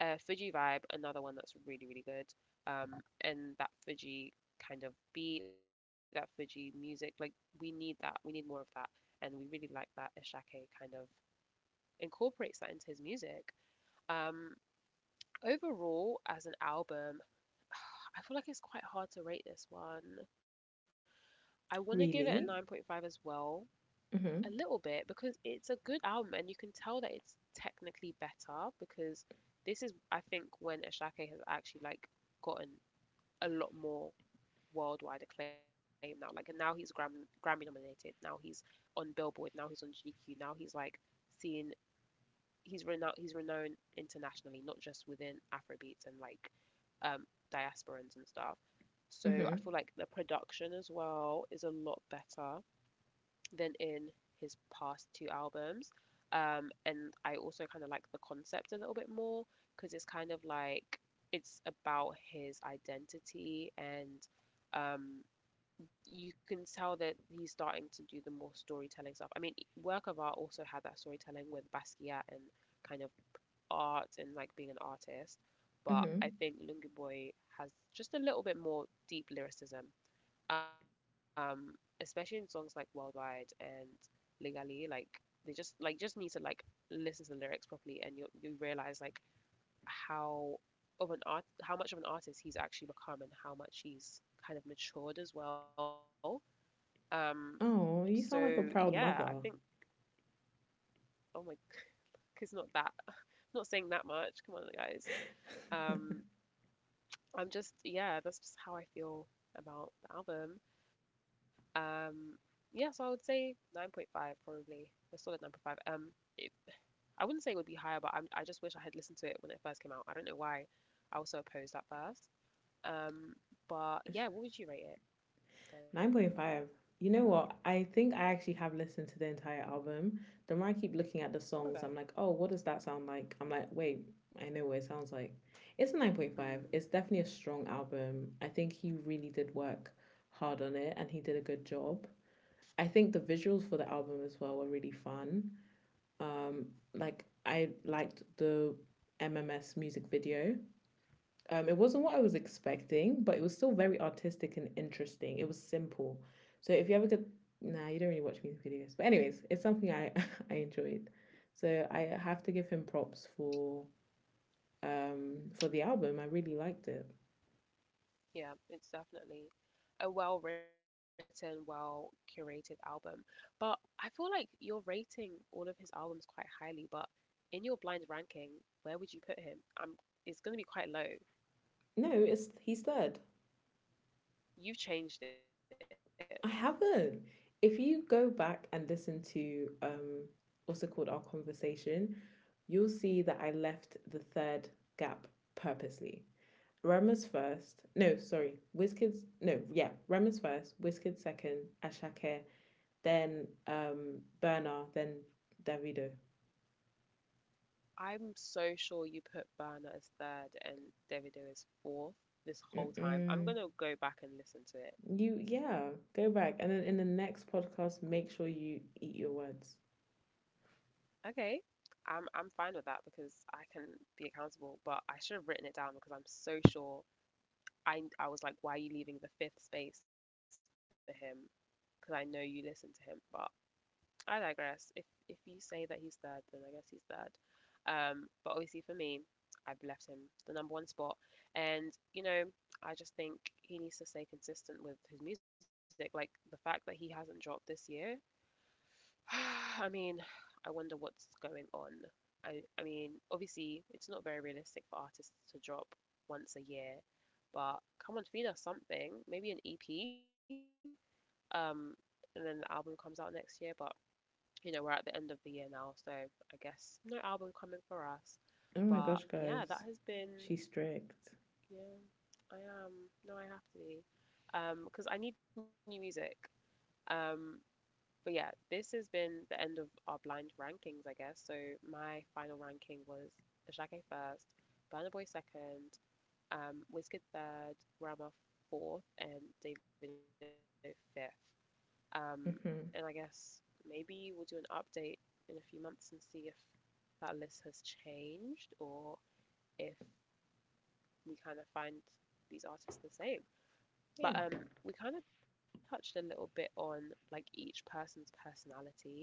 Speaker 1: Fuji Vibe, another one that's really, really good. Um, and that Fuji kind of beat, that Fuji music, like we need that. We need more of that. And we really like that Ashake kind of incorporates that into his music. Um, overall, as an album, I feel like it's quite hard to rate this one. I want to give it a
Speaker 2: Really?
Speaker 1: 9.5 as well, a
Speaker 2: Mhm.
Speaker 1: little bit, because it's a good album and you can tell that it's technically better because this is, I think, when Ashake has actually like gotten a lot more worldwide acclaim now. Like, and now he's Grammy nominated. Now he's on Billboard. Now he's on GQ. Now he's like seen. He's renowned. He's renowned internationally, not just within Afrobeats and like um, diasporans and stuff.
Speaker 2: Mhm.
Speaker 1: So I feel like the production as well is a lot better than in his past two albums. And I also kind of like the concept a little bit more because it's kind of like it's about his identity and um, you can tell that he's starting to do the more storytelling stuff. I mean, work of art also had that storytelling with Basquiat and kind of art and like being an artist, but
Speaker 2: Mhm.
Speaker 1: I think Lungu Boy has just a little bit more deep lyricism, um, especially in songs like Worldwide and Legally. Like they just like just need to like listen to the lyrics properly and you realize like how how much of an artist he's actually become and how much he's kind of matured as well. Um,
Speaker 2: Oh, you
Speaker 1: so
Speaker 2: sound like a
Speaker 1: yeah,
Speaker 2: proud
Speaker 1: I think,
Speaker 2: mother.
Speaker 1: oh my, it's not that. I'm not saying that much, come on guys. Um, I'm just, yeah, that's just how I feel about the album. Um, yeah, so I would say 9.5 probably. A solid 9.5. It, I wouldn't say it would be higher, but I just wish I had listened to it when it first came out. I don't know why I was so opposed at first. Um, but
Speaker 2: It's
Speaker 1: yeah, what would you rate it then?
Speaker 2: 9.5. You know what? I think I actually have listened to the entire album. The more I keep looking at the songs,
Speaker 1: Okay.
Speaker 2: I'm like, oh, what does that sound like? I'm like, wait, I know what it sounds like. It's a 9.5.
Speaker 1: Mm,
Speaker 2: It's definitely a strong album. I think he really did work hard on it and he did a good job. I think the visuals for the album as well were really fun. Um, like I liked the MMS music video. It wasn't what I was expecting, but it was still very artistic and interesting. It was simple. So if you ever could, nah, you don't really watch music videos. But anyways, it's something I I enjoyed. So I have to give him props for the album. I really liked it.
Speaker 1: yeah, it's definitely a well-written, well-curated album. But I feel like you're rating all of his albums quite highly, but in your blind ranking, where would you put him? Um, it's going to be quite low.
Speaker 2: No, it's he's third.
Speaker 1: You've changed it.
Speaker 2: I haven't. If you go back and listen to also called our conversation, you'll see that I left the third gap purposely. Rema's first. No, sorry. Wizkids. No, yeah. Rema's first. Wizkids second. Ashake. Then Bernard, then Davido.
Speaker 1: I'm so sure you put Burner as third and Davido as fourth this whole time. I'm
Speaker 2: Mm-mm.
Speaker 1: gonna go back and listen to it.
Speaker 2: You Yeah. Go back and then in the next podcast, make sure you eat your words.
Speaker 1: Okay. I'm fine with that because I can be accountable, but I should have written it down because I'm so sure I was like, why are you leaving the fifth space for him? Because I know you listen to him, but I digress. If you say that he's third, then I guess he's third. But obviously for me, I've left him the number one spot, and you know, I just think he needs to stay consistent with his music. Like the fact that he hasn't dropped this year, I mean, I wonder what's going on. I mean, obviously it's not very realistic for artists to drop once a year, but come on, feed us something. Maybe an EP. Um, and then the album comes out next year, but you know, we're at the end of the year now, so I guess no album coming for us. But
Speaker 2: Oh my
Speaker 1: yeah,
Speaker 2: gosh,
Speaker 1: that has
Speaker 2: guys,
Speaker 1: been,
Speaker 2: she's strict.
Speaker 1: yeah, I am. No, I have to be. Because I need new music. Um, but yeah, this has been the end of our blind rankings, I guess. So my final ranking was Ashake first, Burna Boy second, Wizkid third, Rama fourth, and Davido fifth. Um, and I
Speaker 2: Mm-hmm.
Speaker 1: guess maybe we'll do an update in a few months and see if that list has changed or if we kind of find these artists the same. But
Speaker 2: Yeah.
Speaker 1: we kind of touched a little bit on like each person's personality,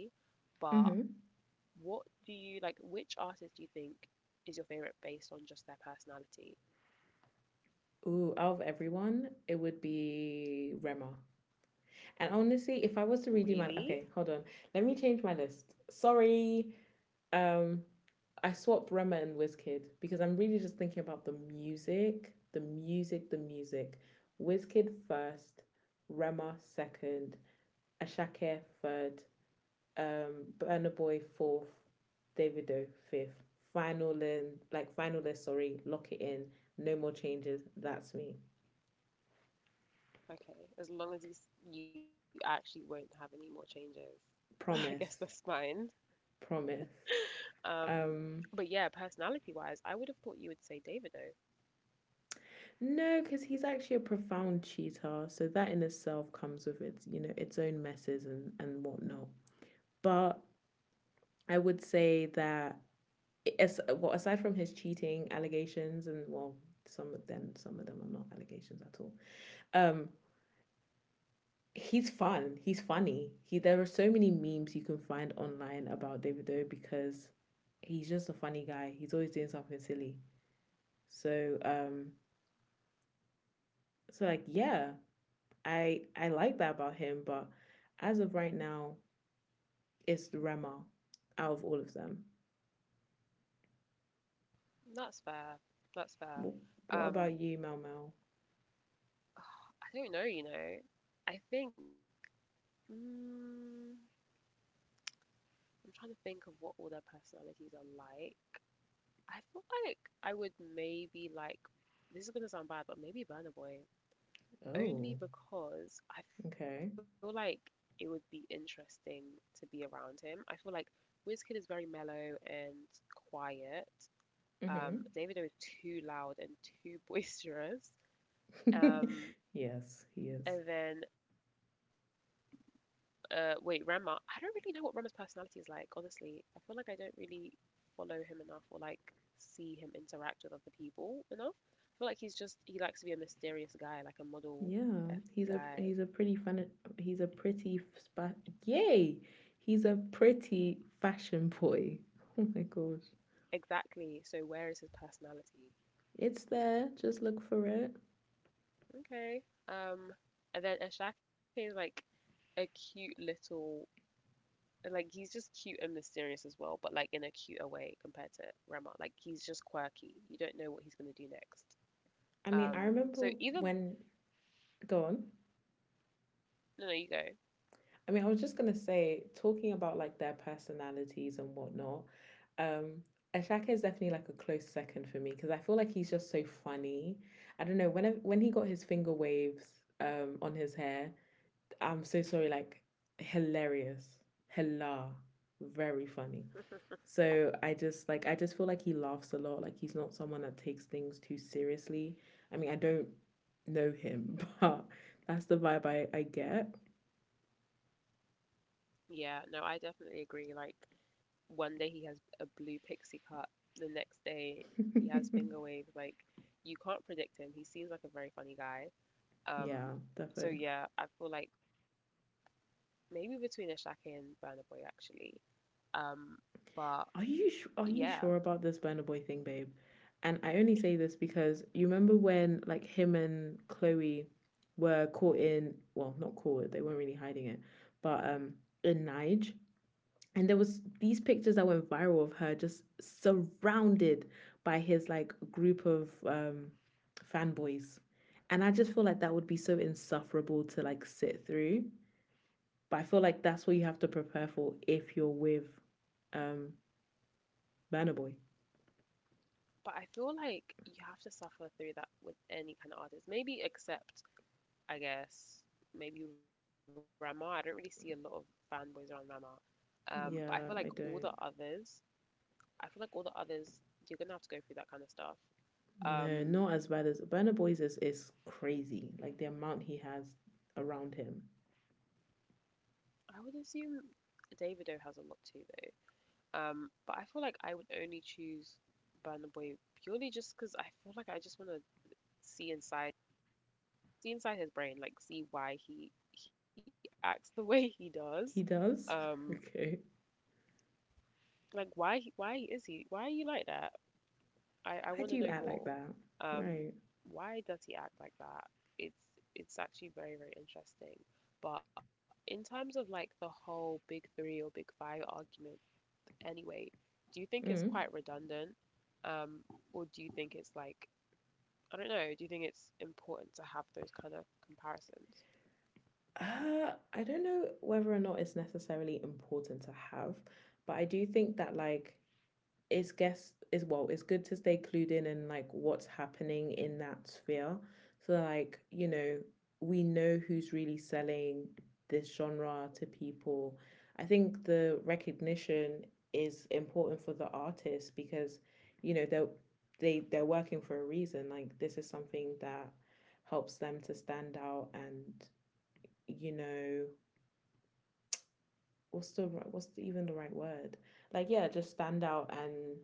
Speaker 1: but
Speaker 2: Mm-hmm.
Speaker 1: what do you like? Which artist do you think is your favorite based on just their personality?
Speaker 2: Ooh, out of everyone, it would be Rema. And honestly, if I was to
Speaker 1: Really?
Speaker 2: redo my okay, hold on, let me change my list. Sorry. Um, I swapped Rema and Wizkid because I'm really just thinking about the music, the music, the music. Wizkid first, Rema second, Ashake third, Burna Boy fourth, Davido fifth. Final in, like final list, sorry, lock it in. No more changes. That's me.
Speaker 1: Okay, as long as you you actually won't have any more changes, I guess that's
Speaker 2: Promise.
Speaker 1: fine.
Speaker 2: Promise.
Speaker 1: Um, but
Speaker 2: Um
Speaker 1: yeah, personality wise, I would have thought you would say David though.
Speaker 2: No, because he's actually a profound cheater. So that in itself comes with its, its own messes and whatnot. But I would say that as well, aside from his cheating allegations and well, some of them are not allegations at all. Um, he's fun. He's funny. He there are so many memes you can find online about David Doe because he's just a funny guy. He's always doing something silly. So so like yeah, I like that about him, but as of right now, it's Rema out of all of them.
Speaker 1: That's fair. That's fair.
Speaker 2: What, what
Speaker 1: Um,
Speaker 2: about you, Mel Mel?
Speaker 1: I don't know, you know. I think, mm, I'm trying to think of what all their personalities are like. I feel like I would maybe like, this is gonna sound bad, but maybe Burna Boy.
Speaker 2: Oh.
Speaker 1: Only because I feel
Speaker 2: Okay.
Speaker 1: like it would be interesting to be around him. I feel like Wizkid is very mellow and quiet.
Speaker 2: Mm-hmm.
Speaker 1: Davido is too loud and too boisterous. Um,
Speaker 2: yes, he is.
Speaker 1: and then, wait, Rema. I don't really know what Rema's personality is like. Honestly, I feel like I don't really follow him enough or like see him interact with other people enough. I feel like he's just he likes to be a mysterious guy, like a
Speaker 2: Yeah,
Speaker 1: model F
Speaker 2: he's a pretty
Speaker 1: guy.
Speaker 2: fun. He's a pretty spa. Yay! He's a pretty fashion boy. Oh my gosh,
Speaker 1: Exactly. So where is his personality?
Speaker 2: it's there. Just look for it.
Speaker 1: Okay. Um, and then Ashake is like a cute little, like he's just cute and mysterious as well, but like in a cuter way compared to Rama. Like he's just quirky. You don't know what he's gonna do next.
Speaker 2: I mean, I remember
Speaker 1: So either,
Speaker 2: when. Go on.
Speaker 1: no, no, you go.
Speaker 2: I mean, I was just gonna say, talking about like their personalities and whatnot, um, Ashaka is definitely like a close second for me because I feel like he's just so funny. I don't know, when he got his finger waves on his hair, I'm so sorry, like hilarious. Hila. Very funny. So I just like I just feel like he laughs a lot. Like he's not someone that takes things too seriously. I mean, I don't know him, but that's the vibe I get.
Speaker 1: Yeah, no, I definitely agree. Like one day he has a blue pixie cut, the next day he has finger waves. Like you can't predict him. He seems like a very funny guy.
Speaker 2: Yeah,
Speaker 1: Um,
Speaker 2: definitely.
Speaker 1: so yeah, I feel like maybe between Ashake and Burna Boy actually. Um, but
Speaker 2: Are you sure
Speaker 1: yeah,
Speaker 2: about this burner boy thing, babe? And I only say this because you remember when like him and Chloe were caught in well, not caught, they weren't really hiding it, but in Nige. And there was these pictures that went viral of her just surrounded by his like group of fanboys. And I just feel like that would be so insufferable to like sit through. But I feel like that's what you have to prepare for if you're with um Burner Boy.
Speaker 1: but I feel like you have to suffer through that with any kind of artist. Maybe except, I guess, maybe Rama. I don't really see a lot of fanboys around Rama. But I
Speaker 2: Yeah,
Speaker 1: feel like
Speaker 2: I
Speaker 1: all
Speaker 2: don't.
Speaker 1: the others, I feel like all the others, you're gonna have to go through that kind of stuff.
Speaker 2: No, not as
Speaker 1: Um,
Speaker 2: bad as Burner Boy's is crazy. Like the amount he has around him.
Speaker 1: I would assume Davido has a lot too, though. But I feel like I would only choose Burna Boy purely just because I feel like I just want to see inside see inside his brain, like see why he acts the way he does.
Speaker 2: He does.
Speaker 1: Um,
Speaker 2: okay.
Speaker 1: like why he, why is he, why are you like that? I
Speaker 2: Why
Speaker 1: want
Speaker 2: do
Speaker 1: to
Speaker 2: you
Speaker 1: know
Speaker 2: act like
Speaker 1: more.
Speaker 2: that? Right.
Speaker 1: Um, why does he act like that? It's it's actually very very interesting. But in terms of like the whole big three or big five argument, anyway, do you think it's quite
Speaker 2: Mm.
Speaker 1: redundant? Um, or do you think it's like, I don't know, do you think it's important to have those kind of comparisons?
Speaker 2: I don't know whether or not it's necessarily important to have, but I do think that like it's guess is well it's good to stay clued in and like what's happening in that sphere so like you know we know who's really selling this genre to people. I think the recognition is important for the artists because you know they're they're working for a reason like this is something that helps them to stand out and you know what's the what's the, even the right word like yeah just stand out and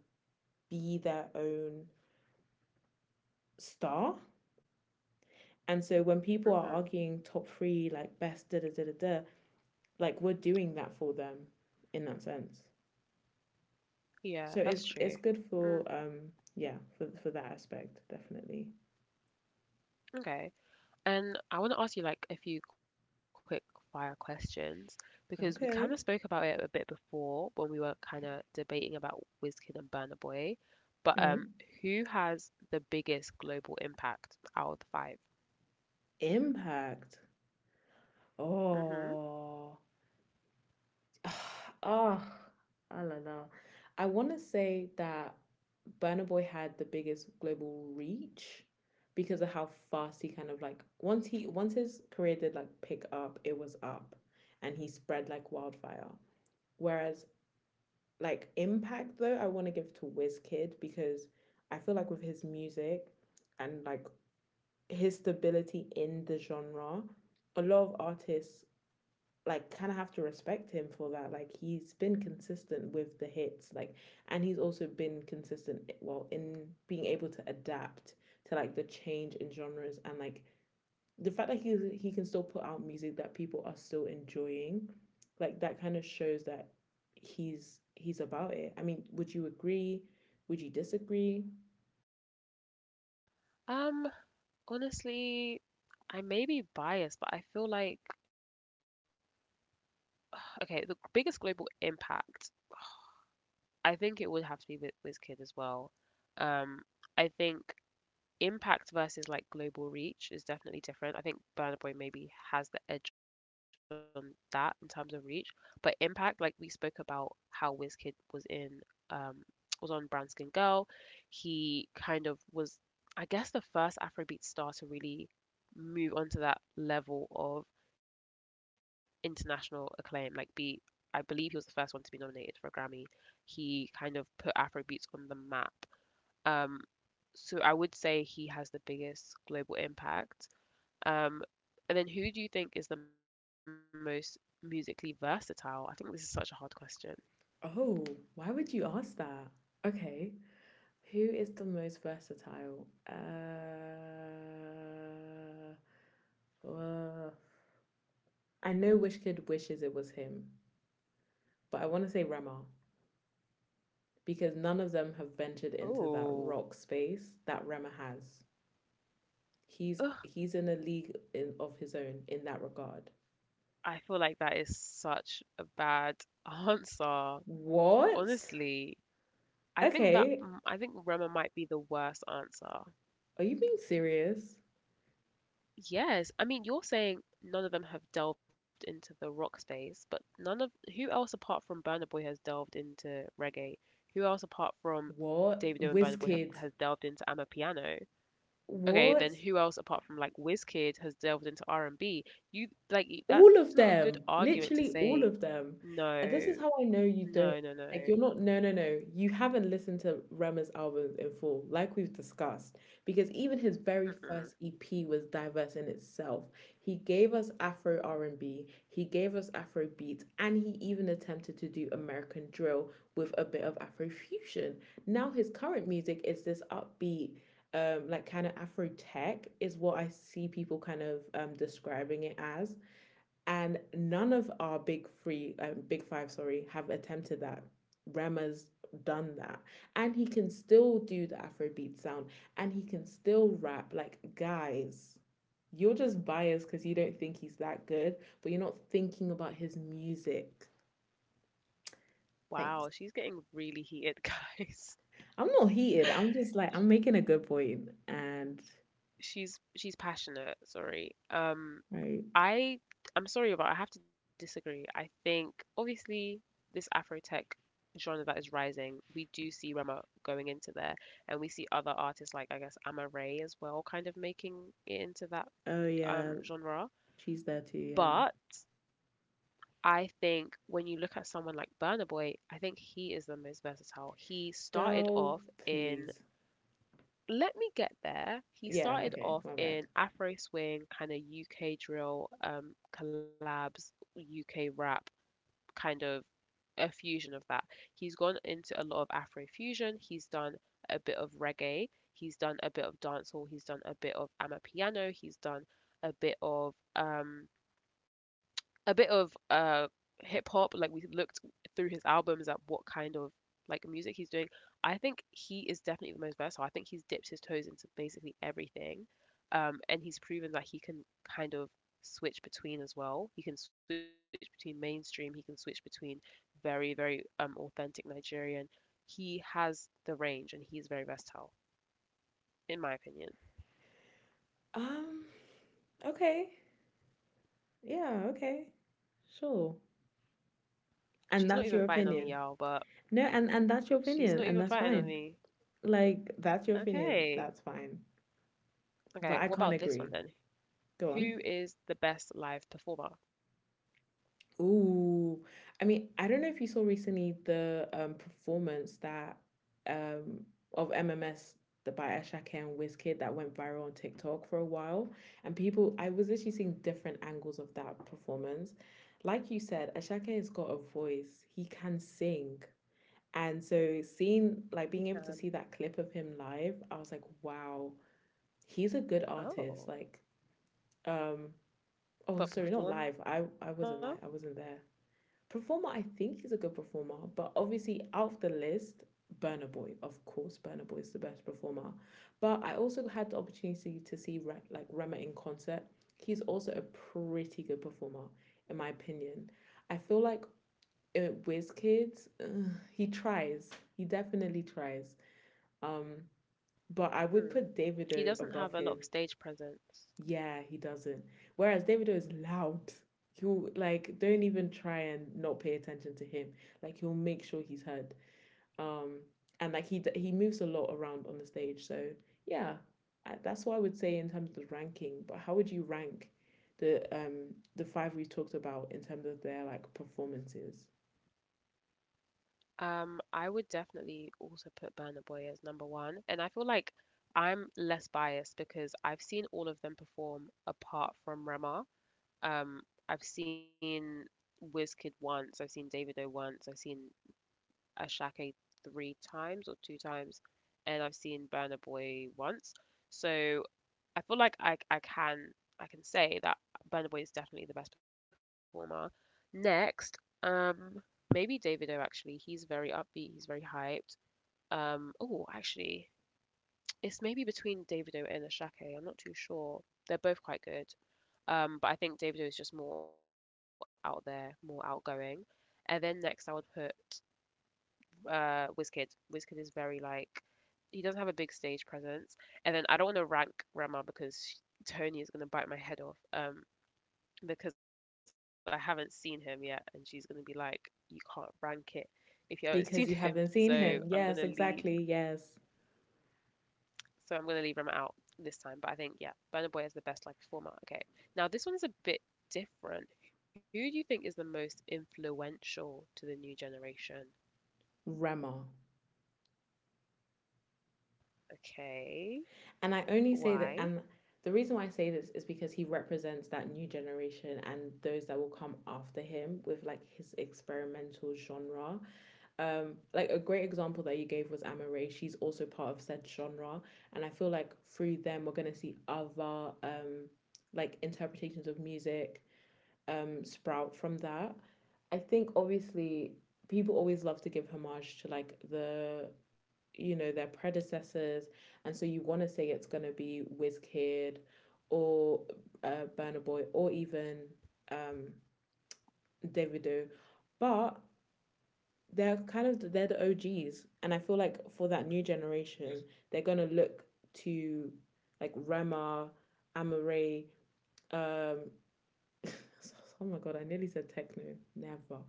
Speaker 2: be their own star. And so when people are
Speaker 1: Hmm.
Speaker 2: arguing top three, like best da da da da da, like we're doing that for them in that sense.
Speaker 1: Yeah, that's
Speaker 2: So
Speaker 1: true.
Speaker 2: it's good
Speaker 1: Mm,
Speaker 2: for yeah for that aspect definitely.
Speaker 1: okay. And I want to ask you like a few quick fire questions because we kind of spoke about
Speaker 2: Okay.
Speaker 1: it a bit before when we were kind of debating about Wizkid and Burna Boy. But
Speaker 2: Mm.
Speaker 1: who has the biggest global impact out of the five?
Speaker 2: Impact.
Speaker 1: Mm-hmm.
Speaker 2: Oh, ah, I don't know. I want to say that Burna Boy had the biggest global reach because of how fast he kind of like once his career did like pick up, it was up, and he spread like wildfire. Whereas like impact though, I want to give to Wizkid because I feel like with his music and like his stability in the genre, a lot of artists like kind of have to respect him for that. Like he's been consistent with the hits, like, and he's also been consistent eh, well in being able to adapt to like the change in genres and like the fact that he can still put out music that people are still enjoying, like that kind of shows that he's about it. I mean, would you agree? Would you disagree?
Speaker 1: Um, honestly, I may be biased, but I feel like, okay, the biggest global impact, I think it would have to be with Wizkid as well. Um, I think impact versus like global reach is definitely different. I think Burna Boy maybe has the edge on that in terms of reach, but impact, like we spoke about how Wizkid was in, um was on Brown Skin Girl, he kind of was, I guess, the first Afrobeat star to really move onto that level of international acclaim, like be, I believe he was the first one to be nominated for a Grammy. He kind of put Afrobeats on the map. Um, so I would say he has the biggest global impact. Um, and then who do you think is the most musically versatile? I think this is such a hard question.
Speaker 2: Oh, why would you ask that? Okay, who is the most versatile? Uh, I know Wishkid wishes it was him, but I want to say Rema because none of them have ventured into that rock
Speaker 1: Oh,
Speaker 2: space that Rema has. He's in a
Speaker 1: ugh,
Speaker 2: league in, of his own in that regard.
Speaker 1: I feel like that is such a bad answer.
Speaker 2: What?
Speaker 1: Honestly, I think
Speaker 2: Okay,
Speaker 1: I think Rema might be the worst answer.
Speaker 2: are you being serious?
Speaker 1: Yes, I mean, you're saying none of them have delved into the rock space, but none of who else apart from Burna Boy has delved into reggae? Who else apart from
Speaker 2: What?
Speaker 1: Davido and Burna Boy have
Speaker 2: Wizkid?
Speaker 1: has delved into Amapiano? Okay,
Speaker 2: What?
Speaker 1: then who else apart from like Wizkid has delved into R&B? You like that's
Speaker 2: All
Speaker 1: not a
Speaker 2: of
Speaker 1: good
Speaker 2: them,
Speaker 1: argument to
Speaker 2: literally
Speaker 1: say
Speaker 2: all of them. And this
Speaker 1: no,
Speaker 2: is how I know you don't like
Speaker 1: no.
Speaker 2: you're not no no no. You haven't listened to Rema's albums in full, like we've discussed. Because even his very first
Speaker 1: Mm-mm.
Speaker 2: EP was diverse in itself. He gave us Afro R and B, he gave us Afro beats, and he even attempted to do American drill with a bit of Afro fusion. Now his current music is this upbeat like kind of Afro tech is what I see people kind of describing it as, and none of our big three, big five, sorry, have attempted that. Rema's done that, and he can still do the Afrobeat sound, and he can still rap. Like guys, you're just biased because you don't think he's that good, but you're not thinking about his music.
Speaker 1: Wow,
Speaker 2: Thanks.
Speaker 1: she's getting really heated, guys.
Speaker 2: I'm not heated. I'm just like I'm making a good point, and
Speaker 1: She's passionate, sorry.
Speaker 2: right.
Speaker 1: I I'm sorry, but I have to disagree. I think obviously this Afrotech genre that is rising, we do see Rema going into there, and we see other artists like I guess Amma Ray as well, kind of making it into
Speaker 2: Oh
Speaker 1: that
Speaker 2: yeah, she's
Speaker 1: genre.
Speaker 2: there too. Yeah,
Speaker 1: But I think when you look at someone like Burna Boy, I think he is the most versatile. He started
Speaker 2: girl,
Speaker 1: off in
Speaker 2: please.
Speaker 1: let Me Get There, he
Speaker 2: Yeah.
Speaker 1: started
Speaker 2: Okay,
Speaker 1: off
Speaker 2: my bad.
Speaker 1: in Afro swing, kind of UK drill, collabs, UK rap, kind of a fusion of that. He's gone into a lot of Afro fusion. He's done a bit of reggae. He's done a bit of dancehall. He's done a bit of amapiano. He's done a bit of a bit of uh hip hop. Like we looked through his albums at what kind of like music he's doing. I think he is definitely the most versatile. I think he's dipped his toes into basically everything, and he's proven that he can kind of switch between as well. He can switch between mainstream. He can switch between very authentic Nigerian. He has the range and he's very versatile, in my opinion.
Speaker 2: Um. Okay. Yeah, okay. Sure. And
Speaker 1: She's not
Speaker 2: that's
Speaker 1: even
Speaker 2: your
Speaker 1: fighting on me,
Speaker 2: opinion.
Speaker 1: y'all. But
Speaker 2: No, and that's your
Speaker 1: she's
Speaker 2: opinion
Speaker 1: not
Speaker 2: and
Speaker 1: even
Speaker 2: that's
Speaker 1: fighting on
Speaker 2: fine.
Speaker 1: me.
Speaker 2: Like that's your opinion, that's
Speaker 1: Okay.
Speaker 2: fine. But I can't
Speaker 1: Okay, what
Speaker 2: agree.
Speaker 1: about this one then?
Speaker 2: Go on.
Speaker 1: Who is the best live performer?
Speaker 2: Ooh. I mean, I don't know if you saw recently the performance that um of MMS the by Ashake and Wizkid that went viral on TikTok for a while. And people I was literally seeing different angles of that performance. Like you said, Ashake has got a voice. He can sing. And so seeing like being able to
Speaker 1: He
Speaker 2: see that
Speaker 1: can.
Speaker 2: clip of him live, I was like, wow, he's a good artist. Like,
Speaker 1: Oh,
Speaker 2: um, oh sorry, not live.
Speaker 1: but
Speaker 2: I wasn't
Speaker 1: performer?
Speaker 2: live. I wasn't there. Performer, I think he's a good performer, but obviously out of the list, Burna Boy, of course, Burna Boy is the best performer. But I also had the opportunity to see like Rema in concert. He's also a pretty good performer, in my opinion. I feel like Wizkid, he tries. He definitely tries. Um, but I would put
Speaker 1: Hmm.
Speaker 2: Davido
Speaker 1: He
Speaker 2: above
Speaker 1: doesn't
Speaker 2: him.
Speaker 1: have a lot of stage presence.
Speaker 2: Yeah, he doesn't. Whereas Davido is loud. He'll like don't even try and not pay attention to him. Like he'll make sure he's heard. Um, and like he moves a lot around on the stage. So yeah, that's what I would say in terms of the ranking. But how would you rank the five we talked about in terms of their like performances?
Speaker 1: I would definitely also put Burna Boy as number one, and I feel like I'm less biased because I've seen all of them perform apart from Rema. Um, I've seen Wizkid once, I've seen Davido once, I've seen Ashake three times or two times, and I've seen Burna Boy once. So I feel like I can I can say that Burna Boy is definitely the best performer. Next, um, maybe Davido actually. He's very upbeat. He's very hyped. Oh, actually, it's maybe between Davido and Ashake. I'm not too sure. They're both quite good. But I think Davido is just more out there, more outgoing. And then next, I would put Wizkid. Wizkid is very like he doesn't have a big stage presence. And then I don't want to rank Rema because Tony is gonna bite my head off. Because I haven't seen him yet, and she's gonna be like, "You can't rank it if you haven't
Speaker 2: Because
Speaker 1: seen
Speaker 2: you
Speaker 1: him."
Speaker 2: haven't seen
Speaker 1: So
Speaker 2: him.
Speaker 1: I'm
Speaker 2: Yes,
Speaker 1: gonna leave.
Speaker 2: exactly. Yes,
Speaker 1: So I'm gonna leave Rema out this time. But I think yeah, Burna Boy is the best live performer. Okay, now this one's a bit different. Who do you think is the most influential to the new generation?
Speaker 2: Rema.
Speaker 1: Okay,
Speaker 2: And I only say that, and
Speaker 1: why?
Speaker 2: the reason why I say this is because he represents that new generation and those that will come after him with like his experimental genre. Like a great example that you gave was Amma Ray. She's also part of said genre, and I feel like through them we're gonna see other like interpretations of music, sprout from that. I think obviously people always love to give homage to like the you know their predecessors, and so you want to say it's gonna be Wizkid or Burna Boy or even um Davido, but they're kind of they're the OGs, and I feel like for that new generation, they're gonna look to like Rema, Amare, um, oh my god, I nearly said techno. Never.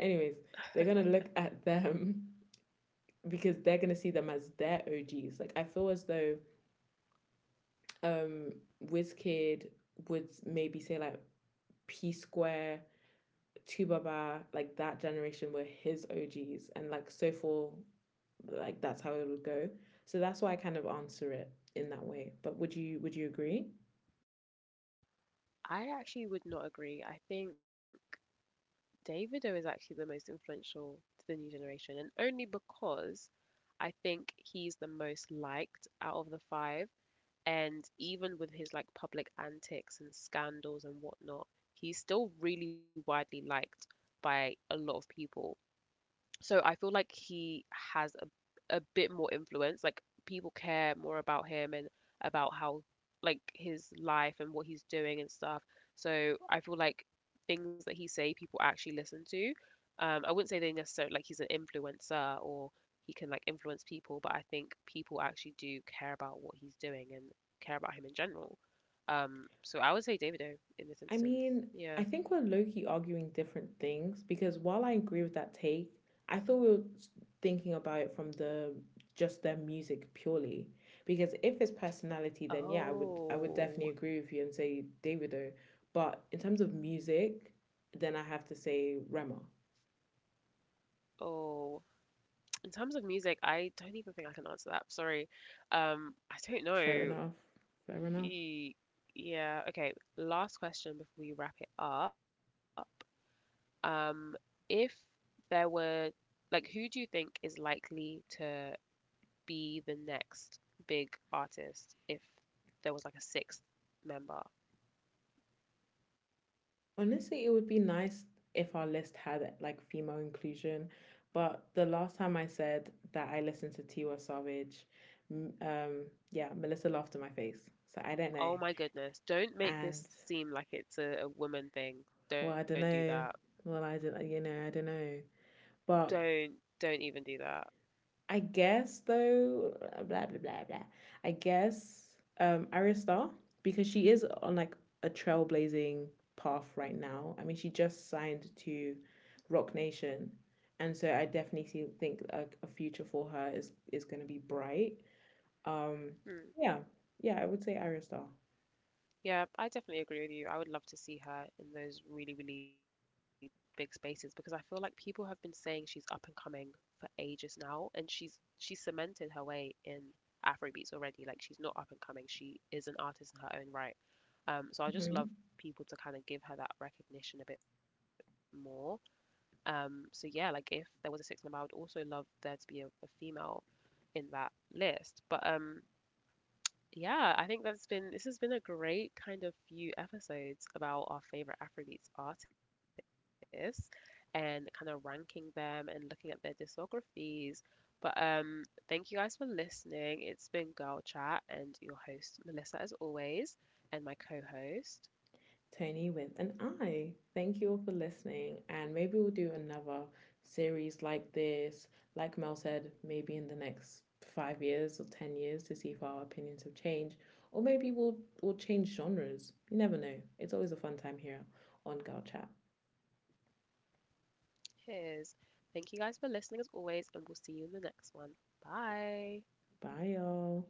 Speaker 2: Anyways, they're gonna look at them because they're gonna see them as their OGs. Like I feel as though um Wizkid would maybe say like P Square, Tubaba, like that generation were his OGs and like so for like that's how it would go. So that's why I kind of answer it in that way. But would you agree?
Speaker 1: I actually would not agree. I think Davido is actually the most influential to the new generation, and only because I think he's the most liked out of the five. And even with his like public antics and scandals and whatnot, he's still really widely liked by a lot of people. So I feel like he has a bit more influence. Like people care more about him and about how like his life and what he's doing and stuff. So I feel like things that he say people actually listen to. I wouldn't say they necessarily like he's an influencer or he can like influence people, but I think people actually do care about what he's doing and care about him in general. So I would say Davido
Speaker 2: I
Speaker 1: in this
Speaker 2: mean,
Speaker 1: instance.
Speaker 2: I think we're
Speaker 1: Yeah.
Speaker 2: low key arguing different things because while I agree with that take, I thought we were thinking about it from the just their music purely. Because if it's personality, then yeah, I would definitely agree with you and
Speaker 1: Oh.
Speaker 2: say Davido. But in terms of music, then I have to say Rema.
Speaker 1: Oh. In terms of music, I don't even think I can answer that. Sorry. I don't
Speaker 2: Fair enough.
Speaker 1: know.
Speaker 2: Fair enough.
Speaker 1: Ye- Yeah, okay. Last question before we wrap it up. Um, if there were, like, who do you think is likely to be the next big artist if there was like a sixth member?
Speaker 2: Honestly, it would be nice if our list had like female inclusion, but the last time I said that I listened to Tiwa Savage, m- um, yeah, Melissa laughed in my face. So I don't know,
Speaker 1: Oh my goodness. Don't
Speaker 2: and
Speaker 1: make this seem like it's a woman
Speaker 2: well,
Speaker 1: thing.
Speaker 2: I don't
Speaker 1: Don't do
Speaker 2: know.
Speaker 1: that.
Speaker 2: Well, I don't, you know, I don't know, but
Speaker 1: Don't, don't even do that.
Speaker 2: I guess though, blah blah blah blah. I guess Aristar because she is on like a trailblazing path right now. I mean, she just signed to Rock Nation, and so I definitely think a future for her is going to be bright. Um, yeah,
Speaker 1: Hmm.
Speaker 2: yeah, I would say Aristar.
Speaker 1: Yeah, I definitely agree with you. I would love to see her in those really, really big spaces because I feel like people have been saying she's up and coming for ages now, and she's cemented her way in Afrobeats already. Like she's not up and coming; she is an artist in her own right. So I just love people to kind of give her that recognition a bit more. So yeah, like if there was a six member, I would also love there to be a female in that list. I think that's been this has been a great kind of few episodes about our favorite Afrobeats artists and kind of ranking them and looking at their discographies. But thank you guys for listening. It's been Girl Chat and your host Melissa as always, and my co-host
Speaker 2: Tony with an I. Thank you all for listening, and maybe we'll do another series like this. Like Mel said, maybe in the next 5 years or 10 years to see if our opinions have changed, or maybe we'll change genres. You never know. It's always a fun time here on Girl Chat.
Speaker 1: His. Thank you guys for listening as always, and we'll see you in the next one. Bye.
Speaker 2: Bye, y'all.